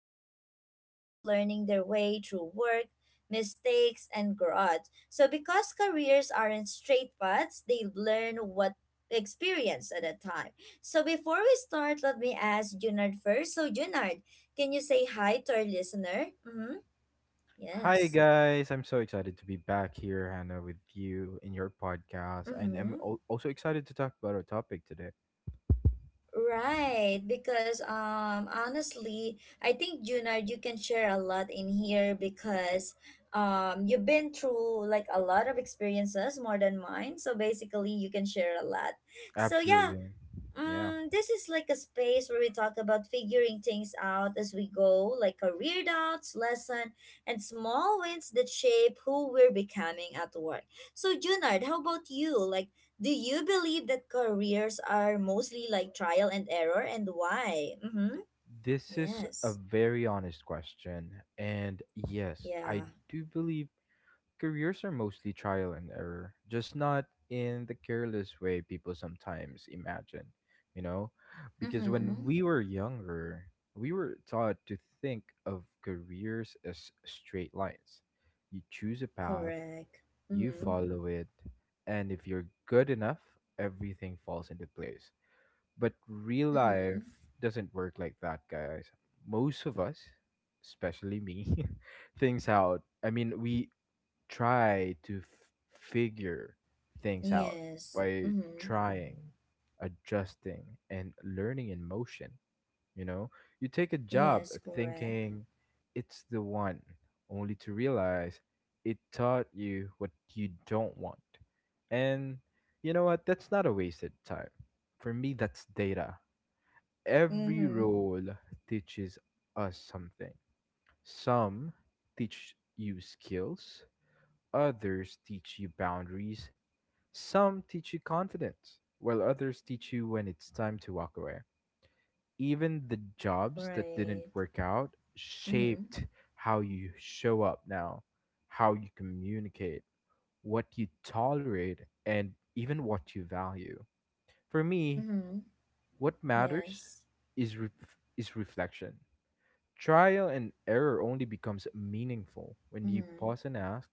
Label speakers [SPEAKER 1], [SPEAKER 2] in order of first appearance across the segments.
[SPEAKER 1] podcast for anyone learning their way through work mistakes and growth so because careers aren't straight paths, they learn what experience at a time. So before we start, let me ask Junard first. So Junard, can you say hi to our listener? Mm-hmm.
[SPEAKER 2] Hi
[SPEAKER 1] Yes.
[SPEAKER 2] guys, I'm so excited to be back here, Hannah, with you in your podcast, and
[SPEAKER 1] Mm-hmm.
[SPEAKER 2] also excited to talk about our topic today.
[SPEAKER 1] Right, because honestly, I think Junard, you can share a lot in here because you've been through like a lot of experiences more than mine. So basically, you can share a lot. So yeah.
[SPEAKER 2] Absolutely, yeah.
[SPEAKER 1] Mm, this is like a space where we talk about figuring things out as we go, like career doubts, lesson, and small wins that shape who we're becoming at work. So, Junard, how about you? Like, do you believe that careers are mostly like trial and error, and why? Mm-hmm.
[SPEAKER 2] This is a
[SPEAKER 1] Yes.
[SPEAKER 2] very honest question, and yes, I
[SPEAKER 1] Yeah.
[SPEAKER 2] do believe careers are mostly trial and error, just not in the careless way people sometimes imagine, you know? Because
[SPEAKER 1] Mm-hmm.
[SPEAKER 2] when we were younger, we were taught to think of careers as straight lines. You choose a path,
[SPEAKER 1] Correct.
[SPEAKER 2] you
[SPEAKER 1] Mm-hmm.
[SPEAKER 2] follow it, and if you're good enough, everything falls into place. But real life
[SPEAKER 1] Mm-hmm.
[SPEAKER 2] doesn't work like that, guys. Most of us, especially me, things out. We try to f- figure things out
[SPEAKER 1] Yes.
[SPEAKER 2] by
[SPEAKER 1] Mm-hmm.
[SPEAKER 2] trying, adjusting, and learning in motion. You know, you take a job
[SPEAKER 1] Yes. Correct.
[SPEAKER 2] thinking it's the one, only to realize it taught you what you don't want. And you know what? That's not a wasted time. For me, that's data. Every
[SPEAKER 1] Mm-hmm.
[SPEAKER 2] role teaches us something. Some teach you skills, others teach you boundaries, some teach you confidence, while others teach you when it's time to walk away. Even the jobs that didn't
[SPEAKER 1] Right.
[SPEAKER 2] work out
[SPEAKER 1] Mm-hmm.
[SPEAKER 2] shaped how you show up now, how you communicate, what you tolerate, and even what you value. For me,
[SPEAKER 1] Mm-hmm.
[SPEAKER 2] what matters
[SPEAKER 1] Yes.
[SPEAKER 2] is ref is reflection. Trial and error only becomes meaningful when you
[SPEAKER 1] Mm.
[SPEAKER 2] pause and ask,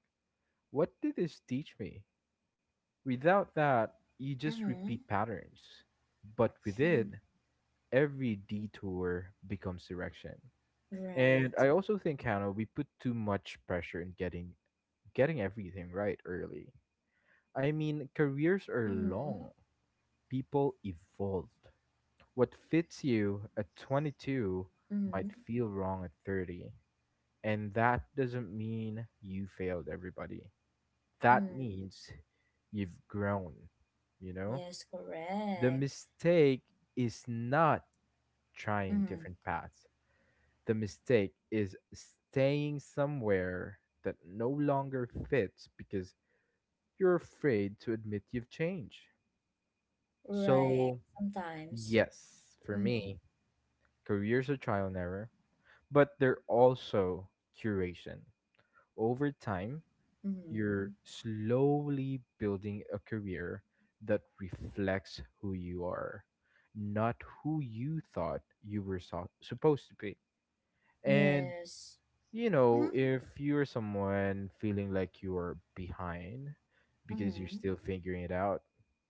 [SPEAKER 2] what did this teach me? Without that, you just
[SPEAKER 1] Mm-hmm.
[SPEAKER 2] repeat patterns. But with it, every detour becomes direction. And
[SPEAKER 1] Right.
[SPEAKER 2] I also think, Hannah, we put too much pressure in getting everything right early. I mean, careers are long.
[SPEAKER 1] Mm.
[SPEAKER 2] People evolved. What fits you at 22 might
[SPEAKER 1] Mm.
[SPEAKER 2] feel wrong at 30. And that doesn't mean you failed everybody. That
[SPEAKER 1] Mm.
[SPEAKER 2] means you've grown, you know?
[SPEAKER 1] Yes,
[SPEAKER 2] The
[SPEAKER 1] correct.
[SPEAKER 2] mistake is not trying
[SPEAKER 1] Mm.
[SPEAKER 2] different paths. The mistake is staying somewhere that no longer fits because you're afraid to admit you've changed.
[SPEAKER 1] Right.
[SPEAKER 2] So,
[SPEAKER 1] Sometimes.
[SPEAKER 2] yes, for
[SPEAKER 1] Mm.
[SPEAKER 2] me, careers are trial and error, but they're also curation. Over time,
[SPEAKER 1] Mm.
[SPEAKER 2] you're slowly building a career that reflects who you are, not who you thought you supposed to be. And,
[SPEAKER 1] Yes.
[SPEAKER 2] you know,
[SPEAKER 1] Mm.
[SPEAKER 2] if you're someone feeling like you're behind because you're
[SPEAKER 1] Mm.
[SPEAKER 2] still figuring it out,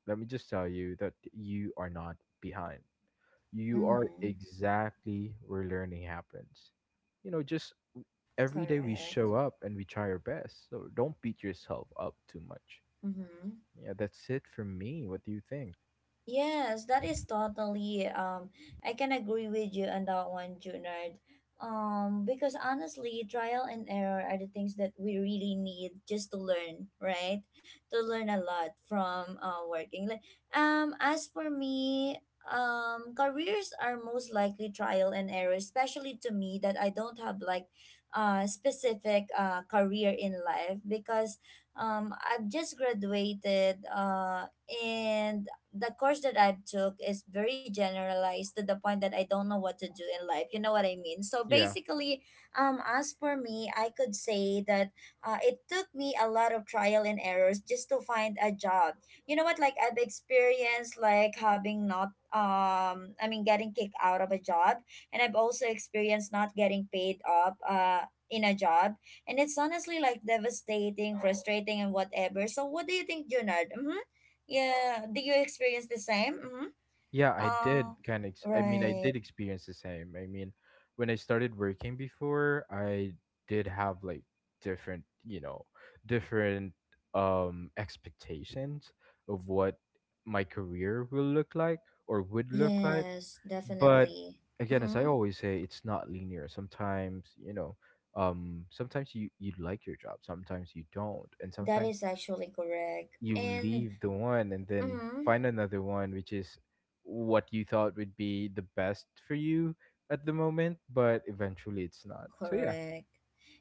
[SPEAKER 2] let me just tell you that you are not behind. You are
[SPEAKER 1] Mm.
[SPEAKER 2] exactly where learning happens. You know, just every day we show
[SPEAKER 1] Correct.
[SPEAKER 2] up and we try our best. So don't beat yourself up too much.
[SPEAKER 1] Mm.
[SPEAKER 2] Yeah, that's it for me. What do you think?
[SPEAKER 1] Yes, that is totally I can agree with you on that one, Junard. Because honestly, trial and error are the things that we really need just to learn, right? To learn a lot from working. Like as for me, careers are most likely trial and error, especially to me that I don't have like specific career in life because I've just graduated and the course that I took is very generalized to the point that I don't know what to do in life. You know what I mean? So
[SPEAKER 2] Yeah.
[SPEAKER 1] basically, as for me, I could say that it took me a lot of trial and errors just to find a job. You know what? Like I've experienced like having not getting kicked out of a job, and I've also experienced not getting paid up in a job, and it's honestly like devastating, frustrating, and whatever. So what do you think, Junard? Mm-hmm. Yeah, do you experience the same? Mm-hmm.
[SPEAKER 2] Yeah, I
[SPEAKER 1] Uh,
[SPEAKER 2] did kind of. I mean, I
[SPEAKER 1] right.
[SPEAKER 2] did experience the same. I mean, when I started working before, I did have like different, you know, different expectations of what my career will look like or would look like.
[SPEAKER 1] Yes,
[SPEAKER 2] But
[SPEAKER 1] definitely.
[SPEAKER 2] again, as I
[SPEAKER 1] Mm-hmm.
[SPEAKER 2] always say, it's not linear sometimes, you know. Sometimes you like your job, sometimes you don't, and
[SPEAKER 1] That
[SPEAKER 2] sometimes
[SPEAKER 1] is actually correct.
[SPEAKER 2] you
[SPEAKER 1] And
[SPEAKER 2] leave the one and then
[SPEAKER 1] mm-hmm.
[SPEAKER 2] find another one which is what you thought would be the best for you at the moment, but eventually it's not. So yeah.
[SPEAKER 1] Correct.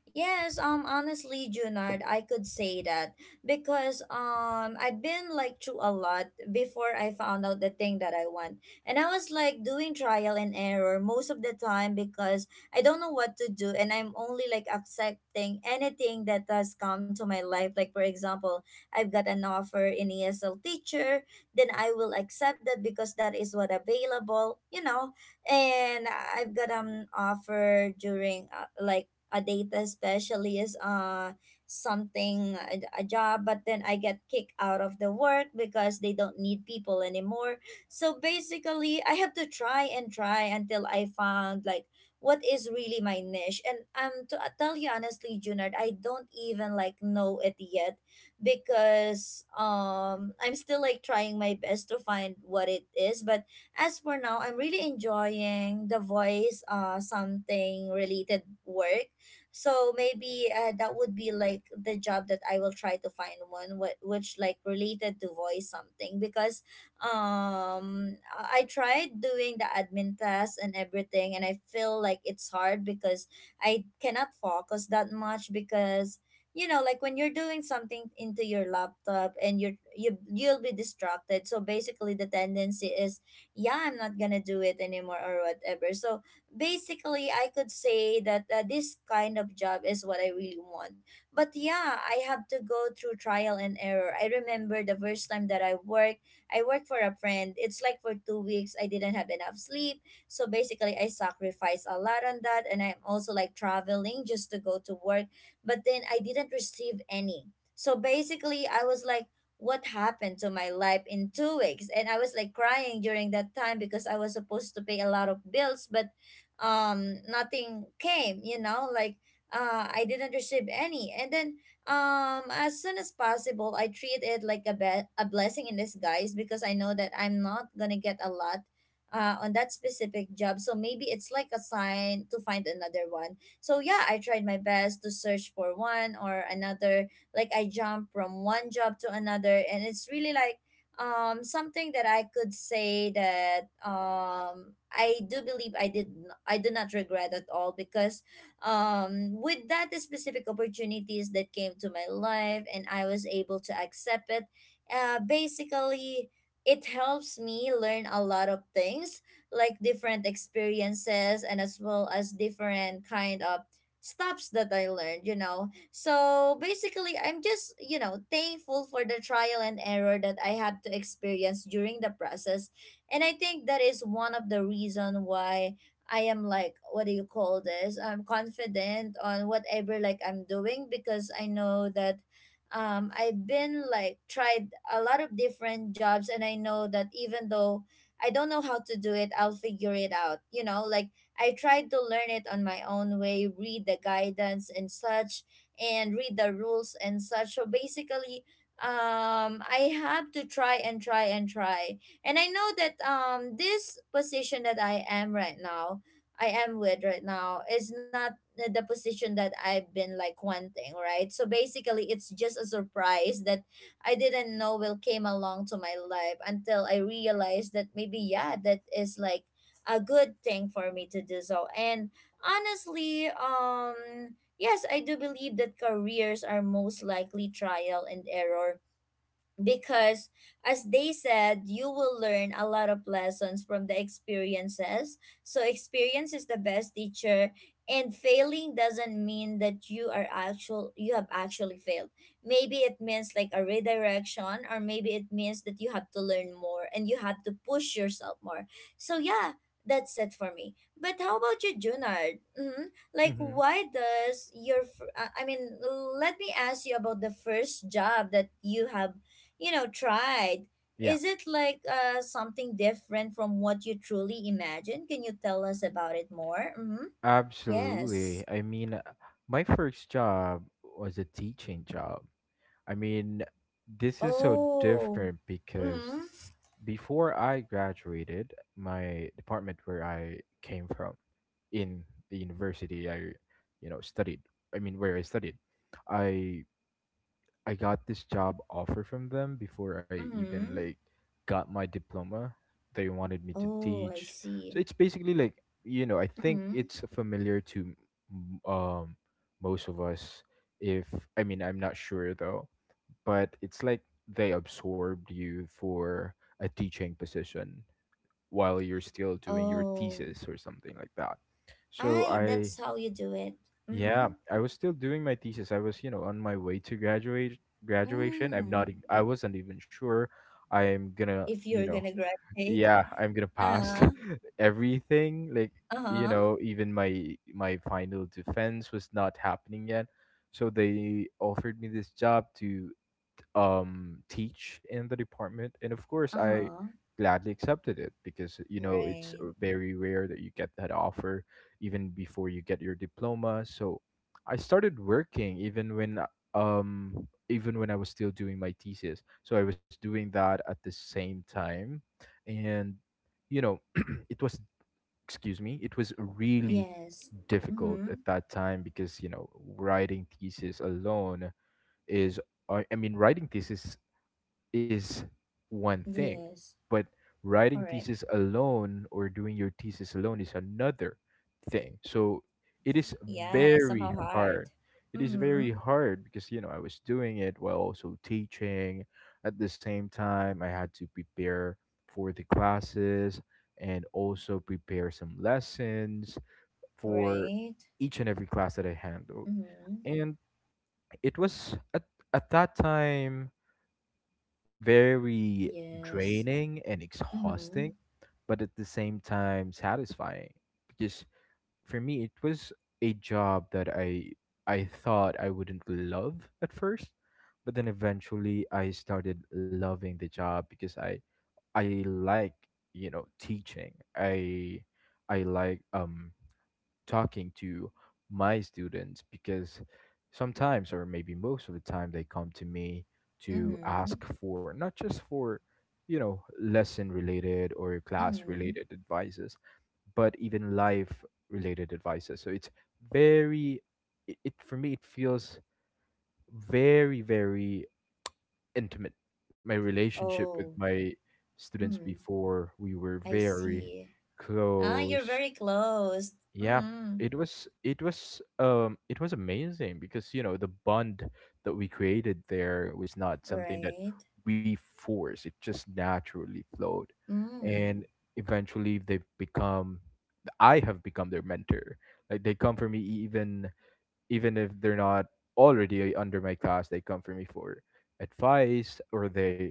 [SPEAKER 1] Yes, honestly, Junard, I could say that because I've been like through a lot before I found out the thing that I want. And I was like doing trial and error most of the time because I don't know what to do and I'm only like accepting anything that has come to my life. Like for example, I've got an offer in ESL teacher, then I will accept that because that is what available, you know, and I've got an offer during like a data specialist something a job, but then I get kicked out of the work because they don't need people anymore. So basically I have to try and try until I found like what is really my niche. And to tell you honestly Junard, I don't even like know it yet because I'm still like trying my best to find what it is. But as for now, I'm really enjoying the voice something related work. So maybe that would be like the job that I will try to find one, which like related to voice something because I tried doing the admin test and everything, and I feel like it's hard because I cannot focus that much because you know, like when you're doing something into your laptop and you'll be distracted. So basically the tendency is, yeah, I'm not gonna do it anymore or whatever. So basically I could say that this kind of job is what I really want. But yeah, I have to go through trial and error. I remember the first time that I worked, I worked for a friend. It's like for 2 weeks I didn't have enough sleep, so basically I sacrificed a lot on that, and I'm also like traveling just to go to work, but then I didn't receive any. So basically I was like, what happened to my life in 2 weeks? And I was like crying during that time because I was supposed to pay a lot of bills, but nothing came, you know, like I didn't receive any. And then as soon as possible I treat it like a a blessing in disguise because I know that I'm not gonna get a lot on that specific job. So maybe it's like a sign to find another one. So yeah, I tried my best to search for one or another, like I jump from one job to another, and it's really like something that I could say that I do believe I did n- I do not regret at all because with that specific opportunities that came to my life and I was able to accept it, basically it helps me learn a lot of things like different experiences and as well as different kind of stops that I learned, you know. So basically, I'm just, you know, thankful for the trial and error that I had to experience during the process. And I think that is one of the reason why I am like, what do you call this? I'm confident on whatever like I'm doing because I know that I've been like tried a lot of different jobs, and I know that even though I don't know how to do it, I'll figure it out. You know, like I tried to learn it on my own way, read the guidance and such, and read the rules and such. So basically, I have to try and try and try. And I know that this position that I am right now, I am with right now, is not the position that I've been like wanting, right? So basically, it's just a surprise that I didn't know will came along to my life until I realized that maybe yeah, that is like a good thing for me to do so. And honestly, um, yes, I do believe that careers are most likely trial and error because as they said, you will learn a lot of lessons from the experiences. So experience is the best teacher, and failing doesn't mean that you have actually failed. Maybe it means like a redirection, or maybe it means that you have to learn more and you have to push yourself more. So yeah, that's it for me. But how about you, Junard? Mm-hmm. Like
[SPEAKER 2] Hmm.
[SPEAKER 1] why does your let me ask you about the first job that you have, you know, tried.
[SPEAKER 2] Yeah,
[SPEAKER 1] Is it like something different from what you truly imagine? Can you tell us about it more? Mm-hmm.
[SPEAKER 2] absolutely.
[SPEAKER 1] Yes.
[SPEAKER 2] My first job was a teaching job. I mean, this is so
[SPEAKER 1] Oh.
[SPEAKER 2] different because
[SPEAKER 1] Mm-hmm.
[SPEAKER 2] before I graduated, my department where I came from in the university I, you know, studied, I mean where I studied, I I got this job offer from them before I even
[SPEAKER 1] Mm-hmm.
[SPEAKER 2] like got my diploma. They wanted me to
[SPEAKER 1] Oh, I
[SPEAKER 2] teach.
[SPEAKER 1] see.
[SPEAKER 2] So it's basically like, you know, I think
[SPEAKER 1] Mm-hmm.
[SPEAKER 2] it's familiar to m- um most of us, if, I mean, I'm not sure though, but it's like they absorbed you for a teaching position while you're still doing your
[SPEAKER 1] Oh.
[SPEAKER 2] thesis or something like that. So
[SPEAKER 1] I, that's
[SPEAKER 2] I
[SPEAKER 1] how you do it. Mm-hmm.
[SPEAKER 2] Yeah, I was still doing my thesis. I was, you know, on my way to graduate graduation. I'm
[SPEAKER 1] Mm.
[SPEAKER 2] not e- I wasn't even sure I'm going to,
[SPEAKER 1] If
[SPEAKER 2] you
[SPEAKER 1] you're
[SPEAKER 2] know,
[SPEAKER 1] gonna graduate.
[SPEAKER 2] yeah, I'm going to pass
[SPEAKER 1] Uh-huh.
[SPEAKER 2] everything, like, you
[SPEAKER 1] Uh-huh.
[SPEAKER 2] know. Even my final defense was not happening yet. So they offered me this job to teach in the department, and of course I
[SPEAKER 1] Uh-huh.
[SPEAKER 2] gladly accepted it because, you know, it's
[SPEAKER 1] Right.
[SPEAKER 2] very rare that you get that offer even before you get your diploma. So I started working even when I was still doing my thesis, so I was doing that at the same time. And you know, it was, excuse me, it was really
[SPEAKER 1] Yes.
[SPEAKER 2] difficult
[SPEAKER 1] Mm-hmm.
[SPEAKER 2] at that time because, you know, writing thesis alone is, writing thesis is one thing,
[SPEAKER 1] Yes.
[SPEAKER 2] but writing
[SPEAKER 1] Correct.
[SPEAKER 2] thesis alone or doing your thesis alone is another thing. So it is
[SPEAKER 1] Yeah, somehow
[SPEAKER 2] very
[SPEAKER 1] hard.
[SPEAKER 2] hard. It is
[SPEAKER 1] Mm-hmm.
[SPEAKER 2] very hard because, you know, I was doing it while also teaching. At the same time, I had to prepare for the classes and also prepare some lessons for
[SPEAKER 1] Right.
[SPEAKER 2] each and every class that I handled,
[SPEAKER 1] Mm-hmm.
[SPEAKER 2] and it was at that time very
[SPEAKER 1] Yes.
[SPEAKER 2] draining and
[SPEAKER 1] Mm-hmm.
[SPEAKER 2] exhausting, but at the same time satisfying. Because for me, it was a job that I thought I wouldn't love at first, but then eventually I started loving the job because I like, you know, teaching. I I like talking to my students because sometimes, or maybe most of the time, they come to me to
[SPEAKER 1] Mm-hmm.
[SPEAKER 2] ask for, not just for, you know, lesson related or class
[SPEAKER 1] Mm-hmm.
[SPEAKER 2] related advices, but even life related advices. So it's very, it, for me, it feels very, very intimate. My relationship with
[SPEAKER 1] Oh.
[SPEAKER 2] my students
[SPEAKER 1] Mm-hmm.
[SPEAKER 2] before, we were
[SPEAKER 1] I
[SPEAKER 2] very
[SPEAKER 1] see. Ah, you're
[SPEAKER 2] close.
[SPEAKER 1] very close.
[SPEAKER 2] Yeah,
[SPEAKER 1] Mm-hmm.
[SPEAKER 2] it was, it was amazing because, you know, the bond that we created there was not something that
[SPEAKER 1] Right.
[SPEAKER 2] we forced. It just naturally flowed, and
[SPEAKER 1] Mm.
[SPEAKER 2] eventually they've become I have become their mentor. Like they come for me even, even if they're not already under my class, they come for me for advice, or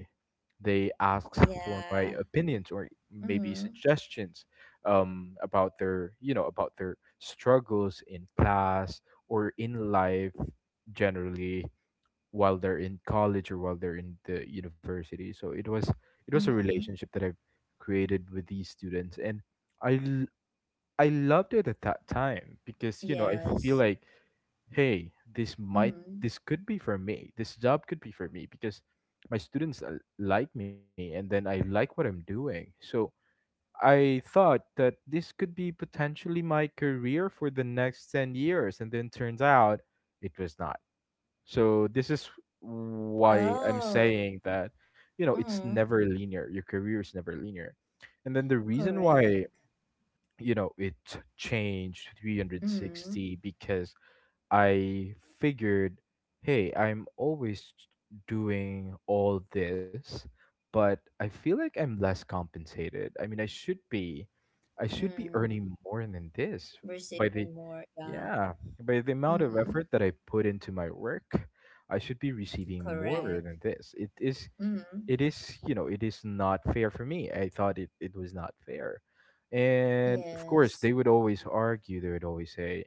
[SPEAKER 2] they ask for my
[SPEAKER 1] Yeah.
[SPEAKER 2] opinions or maybe
[SPEAKER 1] Mm-hmm.
[SPEAKER 2] suggestions about their, you know, about their struggles in class or in life generally while they're in college or while they're in the university. So it was, it was a
[SPEAKER 1] Mm-hmm.
[SPEAKER 2] relationship that I've created with these students, and i I loved it at that time because, you know, I feel
[SPEAKER 1] Yes.
[SPEAKER 2] like, hey, this might,
[SPEAKER 1] Mm.
[SPEAKER 2] this could be for me. This job could be for me because my students like me, and then I like what I'm doing. So I thought that this could be potentially my career for the next 10 years, and then turns out it was not. So this is why I'm
[SPEAKER 1] Oh.
[SPEAKER 2] saying that, you know, it's
[SPEAKER 1] Mm-hmm.
[SPEAKER 2] never linear. Your career is never linear. And then the reason why,
[SPEAKER 1] Correct.
[SPEAKER 2] you know, it changed
[SPEAKER 1] Mm-hmm.
[SPEAKER 2] 360 because I figured, hey, I'm always doing all this, but I feel like I'm less compensated. I should be
[SPEAKER 1] Mm.
[SPEAKER 2] earning more than this by
[SPEAKER 1] Receiving more. Yeah.
[SPEAKER 2] yeah, by the amount of
[SPEAKER 1] Mm-hmm.
[SPEAKER 2] effort that I put into my work. I should be receiving more
[SPEAKER 1] Correct.
[SPEAKER 2] than this.
[SPEAKER 1] Mm-hmm.
[SPEAKER 2] You know, it is not fair for me. It was not fair. And of course,
[SPEAKER 1] Yes.
[SPEAKER 2] they would always argue, they would always say,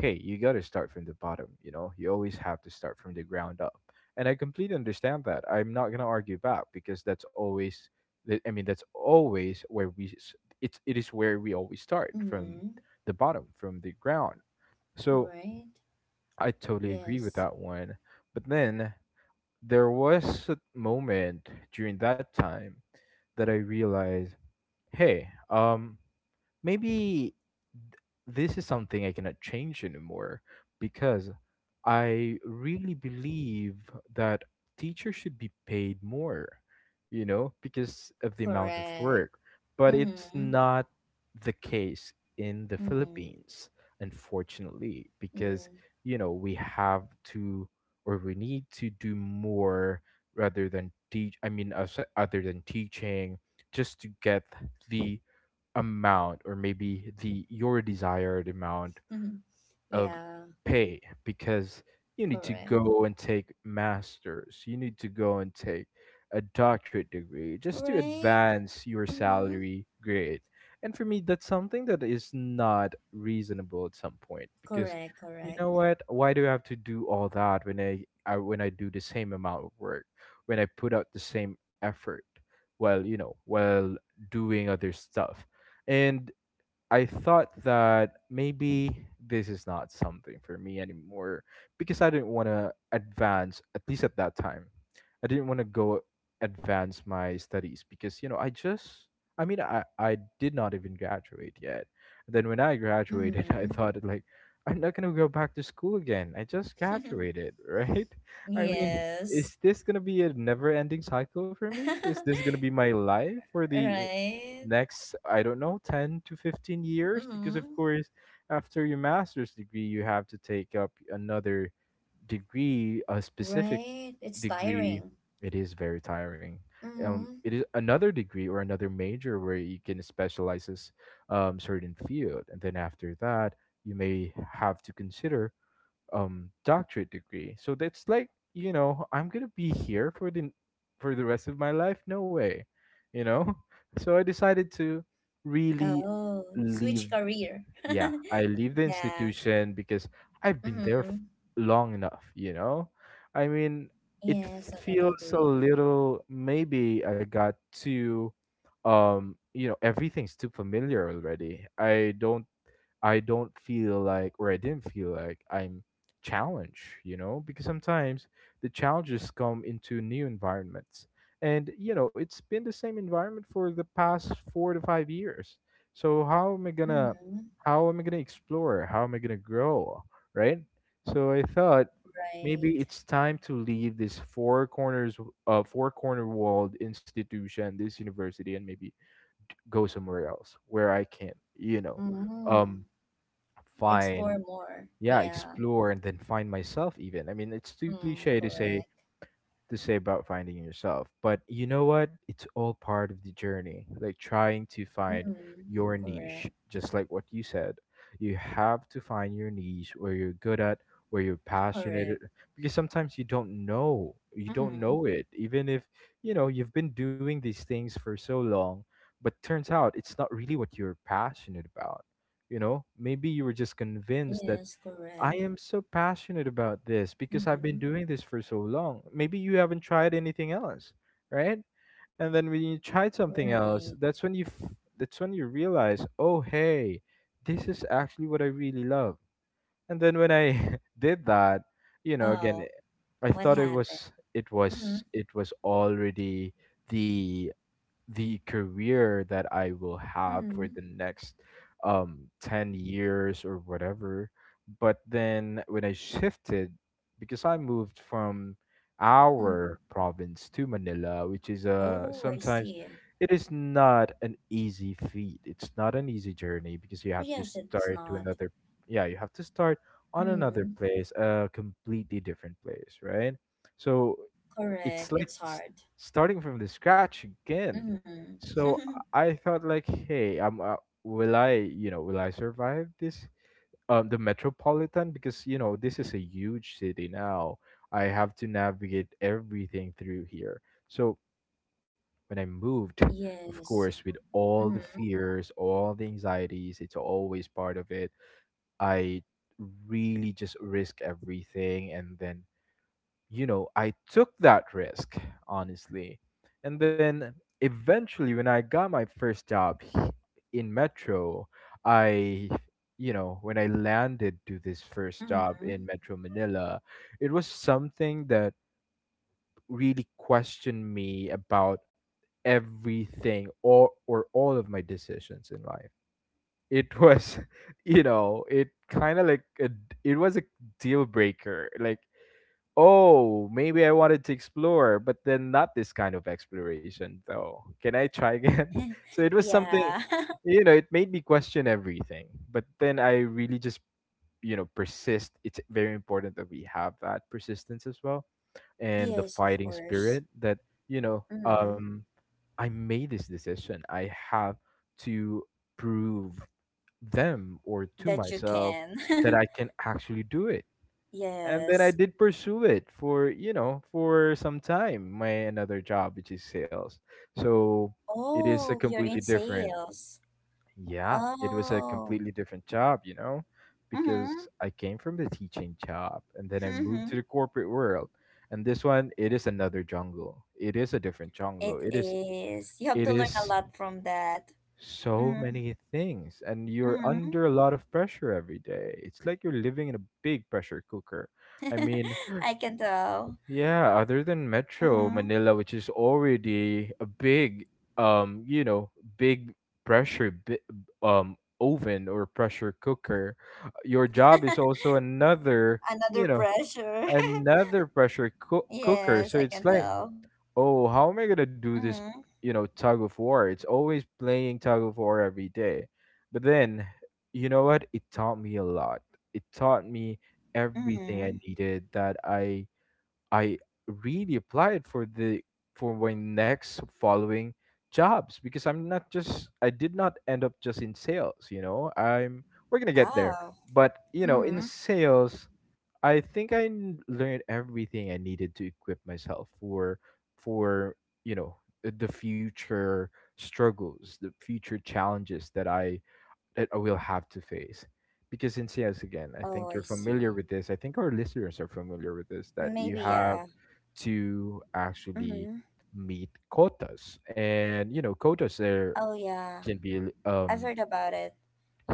[SPEAKER 2] hey, you got to start from the bottom, you know? You always have to start from the ground up. And I completely understand that. I'm not going to argue back because that's always th- I mean, that's always where it's it is where we always start, from
[SPEAKER 1] Mm.
[SPEAKER 2] the bottom, from the ground. So,
[SPEAKER 1] Right.
[SPEAKER 2] I totally agree with
[SPEAKER 1] Yes.
[SPEAKER 2] that one. But then there was a moment during that time that I realized, hey, um, maybe th- this is something I cannot change anymore because I really believe that teachers should be paid more, you know, because of the amount of
[SPEAKER 1] Correct.
[SPEAKER 2] work. But it's
[SPEAKER 1] Mm-hmm.
[SPEAKER 2] not the case in the
[SPEAKER 1] Mm.
[SPEAKER 2] Philippines, unfortunately, because,
[SPEAKER 1] Mm.
[SPEAKER 2] you know, we have to, or we need to do more rather than teach, I mean, as- other than teaching, just to get the amount, or maybe the, your desired amount of
[SPEAKER 1] yeah.
[SPEAKER 2] pay, because you need to
[SPEAKER 1] Correct.
[SPEAKER 2] go and take masters, you need to go and take a doctorate degree just to
[SPEAKER 1] Right.
[SPEAKER 2] advance your
[SPEAKER 1] Mm-hmm.
[SPEAKER 2] salary grade. And for me, that's something that is not reasonable at some point because,
[SPEAKER 1] Correct.
[SPEAKER 2] you know
[SPEAKER 1] Correct.
[SPEAKER 2] what, why do I have to do all that when I, when I do the same amount of work, when I put out the same effort while, you know, while doing other stuff. And I thought that maybe this is not something for me anymore because I didn't want to advance, at least at that time. I didn't want to go advance my studies because, you know, I just, I mean, I did not even graduate yet. Then when I graduated,
[SPEAKER 1] Mm-hmm.
[SPEAKER 2] I thought, like, I'm not going to go back to school again. I just graduated, right? I mean,
[SPEAKER 1] yes.
[SPEAKER 2] is this going to be a never ending cycle for me? Is this going to be my life for the
[SPEAKER 1] right.
[SPEAKER 2] next, I don't know 10 to 15 years? Because of
[SPEAKER 1] Mm-hmm.
[SPEAKER 2] course after your master's degree you have to take up another degree, a specific
[SPEAKER 1] Right. It's
[SPEAKER 2] degree.
[SPEAKER 1] tiring.
[SPEAKER 2] it is very tiring
[SPEAKER 1] Mm-hmm.
[SPEAKER 2] it is another degree or another major where you can specialize in certain field, and then after that you may have to consider doctorate degree. So that's like, you know, I'm gonna be here for the rest of my life. No way. You know? So I decided to really
[SPEAKER 1] Oh, switch
[SPEAKER 2] leave
[SPEAKER 1] career.
[SPEAKER 2] yeah, I leave the
[SPEAKER 1] yeah.
[SPEAKER 2] institution because I've been there
[SPEAKER 1] Mm-hmm.
[SPEAKER 2] long enough, you know? I mean, it
[SPEAKER 1] Yes, totally
[SPEAKER 2] feels a
[SPEAKER 1] agree.
[SPEAKER 2] little, maybe I got too everything's too familiar already. I don't feel like, or I didn't feel like I'm challenged, you know, because sometimes the challenges come into new environments. And, you know, it's been the same environment for the past 4 to 5 years. So how am I gonna,
[SPEAKER 1] Mm-hmm.
[SPEAKER 2] how am I gonna explore? How am I gonna grow? Right? So I thought
[SPEAKER 1] Right.
[SPEAKER 2] maybe it's time to leave this four corners, four corner walled institution, this university, and maybe go somewhere else where I can, you know,
[SPEAKER 1] Mm,
[SPEAKER 2] um,
[SPEAKER 1] explore
[SPEAKER 2] find
[SPEAKER 1] more.
[SPEAKER 2] yeah,
[SPEAKER 1] Yeah.
[SPEAKER 2] explore and then find myself. Even, I mean, it's too
[SPEAKER 1] Mm,
[SPEAKER 2] cliche
[SPEAKER 1] correct.
[SPEAKER 2] to say about finding yourself. But you know what? It's all part of the journey, like trying to find
[SPEAKER 1] Mm,
[SPEAKER 2] your niche,
[SPEAKER 1] correct.
[SPEAKER 2] just like what you said. You have to find your niche where you're good at, where you're passionate at,
[SPEAKER 1] Correct.
[SPEAKER 2] because sometimes you don't know. You don't
[SPEAKER 1] Mm,
[SPEAKER 2] know it, even if you know you've been doing these things for so long, but turns out it's not really what you're passionate about. You know, maybe you were just convinced that
[SPEAKER 1] yes,
[SPEAKER 2] I
[SPEAKER 1] correct.
[SPEAKER 2] am so passionate about this because I've been
[SPEAKER 1] Mm,
[SPEAKER 2] doing this for so long. Maybe you haven't tried anything else, right? And then when you tried something else, that's
[SPEAKER 1] right.
[SPEAKER 2] when that's when you realize, "Oh, hey, this is actually what I really love." And then when I did that, you know, again,
[SPEAKER 1] Oh,
[SPEAKER 2] I
[SPEAKER 1] what
[SPEAKER 2] thought it
[SPEAKER 1] happened?
[SPEAKER 2] was it was
[SPEAKER 1] Mm,
[SPEAKER 2] it was already the the career that I will have for
[SPEAKER 1] mm,
[SPEAKER 2] the next 10 years or whatever. But then when I shifted, because I moved from our
[SPEAKER 1] mm.
[SPEAKER 2] province to Manila, which is
[SPEAKER 1] Oh, I
[SPEAKER 2] sometimes
[SPEAKER 1] see.
[SPEAKER 2] it is not an easy feat. It's not an easy journey because you have to
[SPEAKER 1] Yes, it's
[SPEAKER 2] start to
[SPEAKER 1] not.
[SPEAKER 2] another, yeah, you have to start on another
[SPEAKER 1] Mm,
[SPEAKER 2] place, a completely different place, right? So it's
[SPEAKER 1] correct.
[SPEAKER 2] like
[SPEAKER 1] It's hard.
[SPEAKER 2] starting from the scratch again.
[SPEAKER 1] Mm.
[SPEAKER 2] So I thought like, hey, will I, you know, will I survive this? The metropolitan, because you know this is a huge city now. I have to navigate everything through here. So when I moved, of
[SPEAKER 1] Yes.
[SPEAKER 2] course, with all the
[SPEAKER 1] Mm,
[SPEAKER 2] fears, all the anxieties, it's always part of it. I really just risk everything, and then, you know, I took that risk, honestly. And then eventually, when I got my in Metro, I, you know, when I landed to this first job
[SPEAKER 1] mm.
[SPEAKER 2] in Metro Manila, it was something that really questioned me about everything, or all of my decisions in life. It was, you know, it kind of like it was a deal breaker. Like, oh, maybe I wanted to explore, but then not this kind of exploration, though. Can I try again? So it was something,
[SPEAKER 1] Yeah.
[SPEAKER 2] you know, it made me question everything. But then I really just, you know, persist. It's very important that we have that persistence as well, and the
[SPEAKER 1] Yes, of
[SPEAKER 2] fighting spirit
[SPEAKER 1] course.
[SPEAKER 2] that, you know,
[SPEAKER 1] Mm,
[SPEAKER 2] I made this decision. I have to prove them, or to
[SPEAKER 1] that you
[SPEAKER 2] myself,
[SPEAKER 1] can.
[SPEAKER 2] that I can actually do it. And then I
[SPEAKER 1] Yes.
[SPEAKER 2] did pursue it for, you know, for some time. My another job, which is sales, so it is a
[SPEAKER 1] Oh, you're
[SPEAKER 2] completely
[SPEAKER 1] in
[SPEAKER 2] different.
[SPEAKER 1] sales.
[SPEAKER 2] Yeah, it was a
[SPEAKER 1] Oh.
[SPEAKER 2] completely different job, you know,
[SPEAKER 1] Mm-hmm.
[SPEAKER 2] because I came from the teaching job and then I moved to
[SPEAKER 1] Mm-hmm.
[SPEAKER 2] the corporate world, and this one, it is another jungle. It is a different jungle.
[SPEAKER 1] It
[SPEAKER 2] It is
[SPEAKER 1] is. You have
[SPEAKER 2] it
[SPEAKER 1] to learn a
[SPEAKER 2] is
[SPEAKER 1] lot from that.
[SPEAKER 2] so many things, and you're
[SPEAKER 1] Mm-hmm.
[SPEAKER 2] under a lot of pressure every day. It's like you're living in a big pressure cooker, I mean,
[SPEAKER 1] I can tell.
[SPEAKER 2] yeah, other than Metro
[SPEAKER 1] Mm-hmm.
[SPEAKER 2] Manila, which is already a big, you know, big pressure, oven or pressure cooker, your job is also another,
[SPEAKER 1] Another
[SPEAKER 2] you know,
[SPEAKER 1] pressure.
[SPEAKER 2] another pressure cooker.
[SPEAKER 1] Yes,
[SPEAKER 2] So
[SPEAKER 1] I
[SPEAKER 2] it's
[SPEAKER 1] can
[SPEAKER 2] like,
[SPEAKER 1] tell.
[SPEAKER 2] oh, how am I gonna do this,
[SPEAKER 1] Mm-hmm.
[SPEAKER 2] you know, tug of war? It's always playing tug of war every day. But then, you know what? It taught me a lot. It taught me everything I
[SPEAKER 1] Mm-hmm.
[SPEAKER 2] needed, that I really applied for the for my next following jobs. Because I did not end up just in sales, you know. I'm we're gonna get there.
[SPEAKER 1] Wow.
[SPEAKER 2] But you know, in
[SPEAKER 1] Mm-hmm.
[SPEAKER 2] sales, I think I learned everything I needed to equip myself for for, you know, the future struggles, the future challenges that I will have to face. Because in CS again, I
[SPEAKER 1] Oh,
[SPEAKER 2] think you're
[SPEAKER 1] I
[SPEAKER 2] familiar
[SPEAKER 1] see.
[SPEAKER 2] with this. I think our listeners are familiar with this, that you
[SPEAKER 1] Maybe,
[SPEAKER 2] have
[SPEAKER 1] yeah.
[SPEAKER 2] to
[SPEAKER 1] Mm-hmm.
[SPEAKER 2] actually meet quotas. And you know, quotas there
[SPEAKER 1] Oh, yeah.
[SPEAKER 2] can be
[SPEAKER 1] I've heard about it.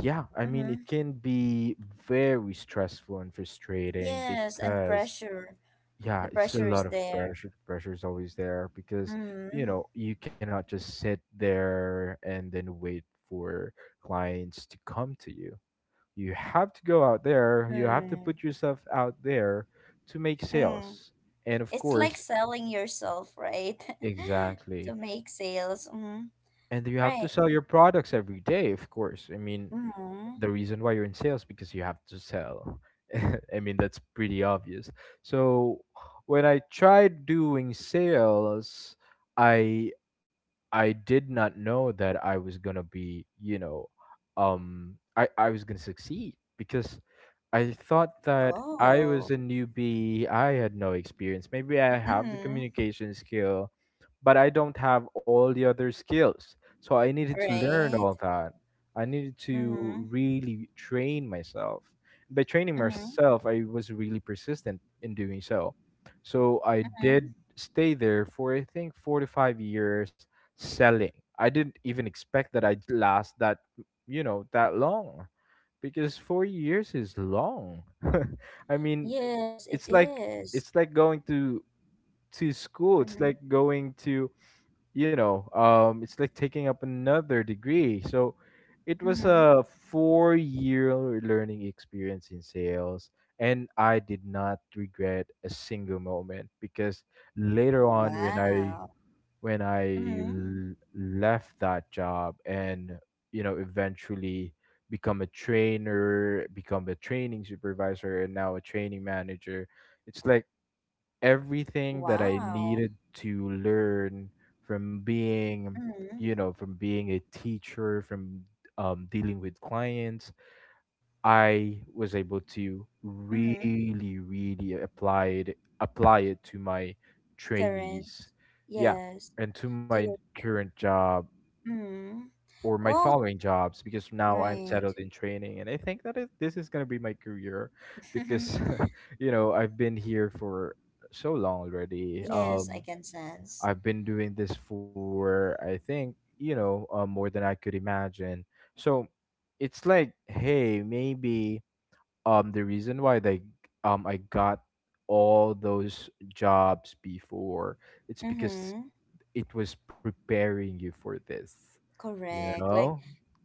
[SPEAKER 2] yeah, I mean
[SPEAKER 1] Mm-hmm.
[SPEAKER 2] it can be very stressful and frustrating,
[SPEAKER 1] Yes, and
[SPEAKER 2] because
[SPEAKER 1] pressure. The
[SPEAKER 2] yeah, it's a
[SPEAKER 1] pressure is
[SPEAKER 2] lot of
[SPEAKER 1] there.
[SPEAKER 2] pressure. The pressure is always there, because you
[SPEAKER 1] Mm,
[SPEAKER 2] know you cannot just sit there and then wait for clients to come to you. You have to go out there, you have to
[SPEAKER 1] mm,
[SPEAKER 2] put yourself out there to make
[SPEAKER 1] mm.
[SPEAKER 2] sales. And of
[SPEAKER 1] It's like
[SPEAKER 2] course,
[SPEAKER 1] selling yourself, right?
[SPEAKER 2] exactly.
[SPEAKER 1] To make sales. Mm,
[SPEAKER 2] And you have to
[SPEAKER 1] right.
[SPEAKER 2] sell your products every day, of course. I mean,
[SPEAKER 1] Mm.
[SPEAKER 2] the reason why you're in sales because you have to sell. I mean, that's pretty obvious. So when I tried doing sales, I I did not know that I was gonna be, you know, I was gonna succeed, because I thought that I was
[SPEAKER 1] Oh.
[SPEAKER 2] a newbie. I had no experience. Maybe I have the
[SPEAKER 1] Mm-hmm.
[SPEAKER 2] communication skill, but I don't have all the other skills. So I needed to learn
[SPEAKER 1] Right.
[SPEAKER 2] all that. I needed
[SPEAKER 1] Mm-hmm.
[SPEAKER 2] to really train myself. By training
[SPEAKER 1] Mm-hmm.
[SPEAKER 2] myself, I was really persistent in doing so. So I
[SPEAKER 1] Mm-hmm.
[SPEAKER 2] did stay there for I think 4 to 5 years selling. I didn't even expect that I'd last that, you know, that long, because 4 years is long. I mean,
[SPEAKER 1] Yes, it
[SPEAKER 2] it's like
[SPEAKER 1] is.
[SPEAKER 2] going to school. It's
[SPEAKER 1] Mm-hmm.
[SPEAKER 2] like going to, you know, it's like taking up another degree. So it was
[SPEAKER 1] Mm-hmm.
[SPEAKER 2] a 4 year learning experience in sales, and I did not regret a single moment, because later on when I
[SPEAKER 1] Wow. Mm-hmm.
[SPEAKER 2] left that job, and, you know, eventually become a trainer, become a training supervisor, and now a training manager. It's like everything that I
[SPEAKER 1] Wow.
[SPEAKER 2] needed to learn from being,
[SPEAKER 1] Mm-hmm.
[SPEAKER 2] you know, from being a teacher, from dealing with clients, I was able to
[SPEAKER 1] Mm-hmm.
[SPEAKER 2] really, really apply apply it to my
[SPEAKER 1] Current.
[SPEAKER 2] trainees. Yeah,
[SPEAKER 1] Yes.
[SPEAKER 2] and to
[SPEAKER 1] Do
[SPEAKER 2] my
[SPEAKER 1] you?
[SPEAKER 2] current job
[SPEAKER 1] Mm.
[SPEAKER 2] or my
[SPEAKER 1] Well,
[SPEAKER 2] following jobs, because now I'm settled
[SPEAKER 1] right.
[SPEAKER 2] in training, and I think that this is going to be my career, because you know, I've been here for so long already.
[SPEAKER 1] Yes, I can sense.
[SPEAKER 2] I've been doing this for, I think, you know, more than I could imagine. So it's like, hey, maybe the reason why they I got all those jobs before. It's because
[SPEAKER 1] Mm-hmm.
[SPEAKER 2] it was preparing you for this, you
[SPEAKER 1] Correct. Like
[SPEAKER 2] know?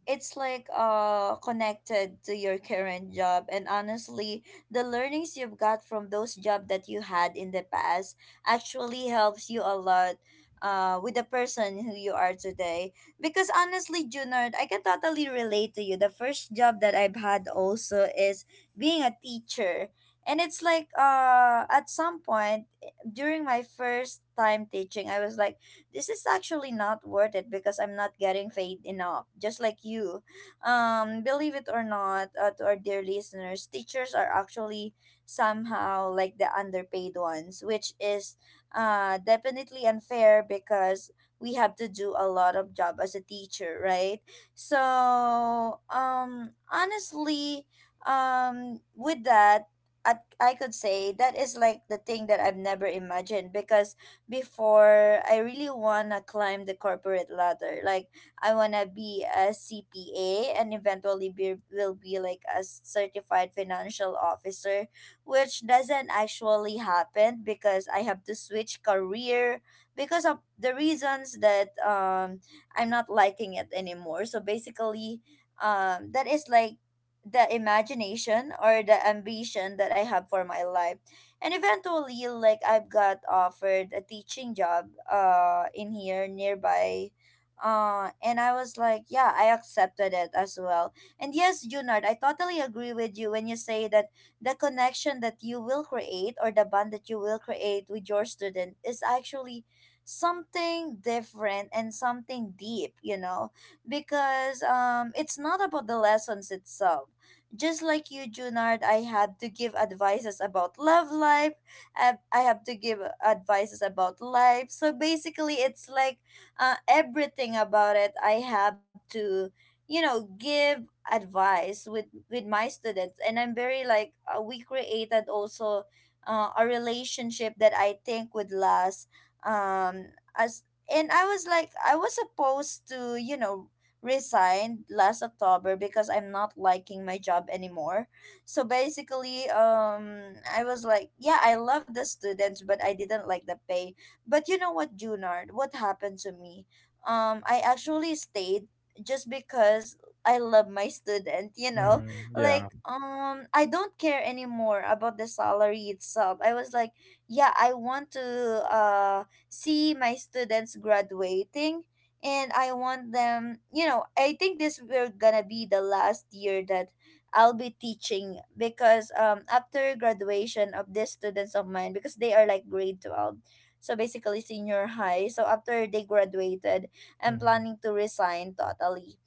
[SPEAKER 1] it's like connected to your current job. And honestly, the learnings you've got from those jobs that you had in the past actually helps you a lot with the person who you are today. Because honestly, Junard, I can totally relate to you. The first job that I've had also is being a teacher. And it's like at some point during my first time teaching, I was like this is actually not worth it because I'm not getting paid enough. Just like you, believe it or not, to our dear listeners, teachers are actually somehow like the underpaid ones, which is definitely unfair because we have to do a lot of job as a teacher, right? So honestly, with that. I, I could say that is like the thing that I've never imagined because before I really wanna climb the corporate ladder. Like I wanna be a CPA and eventually be will be like a certified financial officer, which doesn't actually happen because I have to switch career because of the reasons that I'm not liking it anymore. So basically, that is like the imagination or the ambition that I have for my life, and eventually like I've got offered a teaching job in here nearby. And I was like, yeah, I accepted it as well. And yes, Junard, I totally agree with you when you say that the connection that you will create or the bond that you will create with your student is actually something different and something deep. Because it's not about the lessons itself. Just like you, Junard, I have to give advices about love life. I have to give advices about life. So basically, it's like everything about it. I have to, give advice with my students, and I'm very like we created also a relationship that I think would last. As and I was like I was supposed to, resigned last October because I'm not liking my job anymore. So basically, I was like, yeah, I love the students, but I didn't like the pay. But you know what, Junard? What happened to me? I actually stayed just because I love my student.
[SPEAKER 2] Mm-hmm. Yeah.
[SPEAKER 1] Like I don't care anymore about the salary itself. I was like, yeah, I want to uh see my students graduating, and I want them, you know, I think this will gonna be the last year that I'll be teaching because after graduation of these students of mine because they are like grade 12. So basically senior high. So after they graduated, I'm
[SPEAKER 2] Mm-hmm.
[SPEAKER 1] planning to resign totally.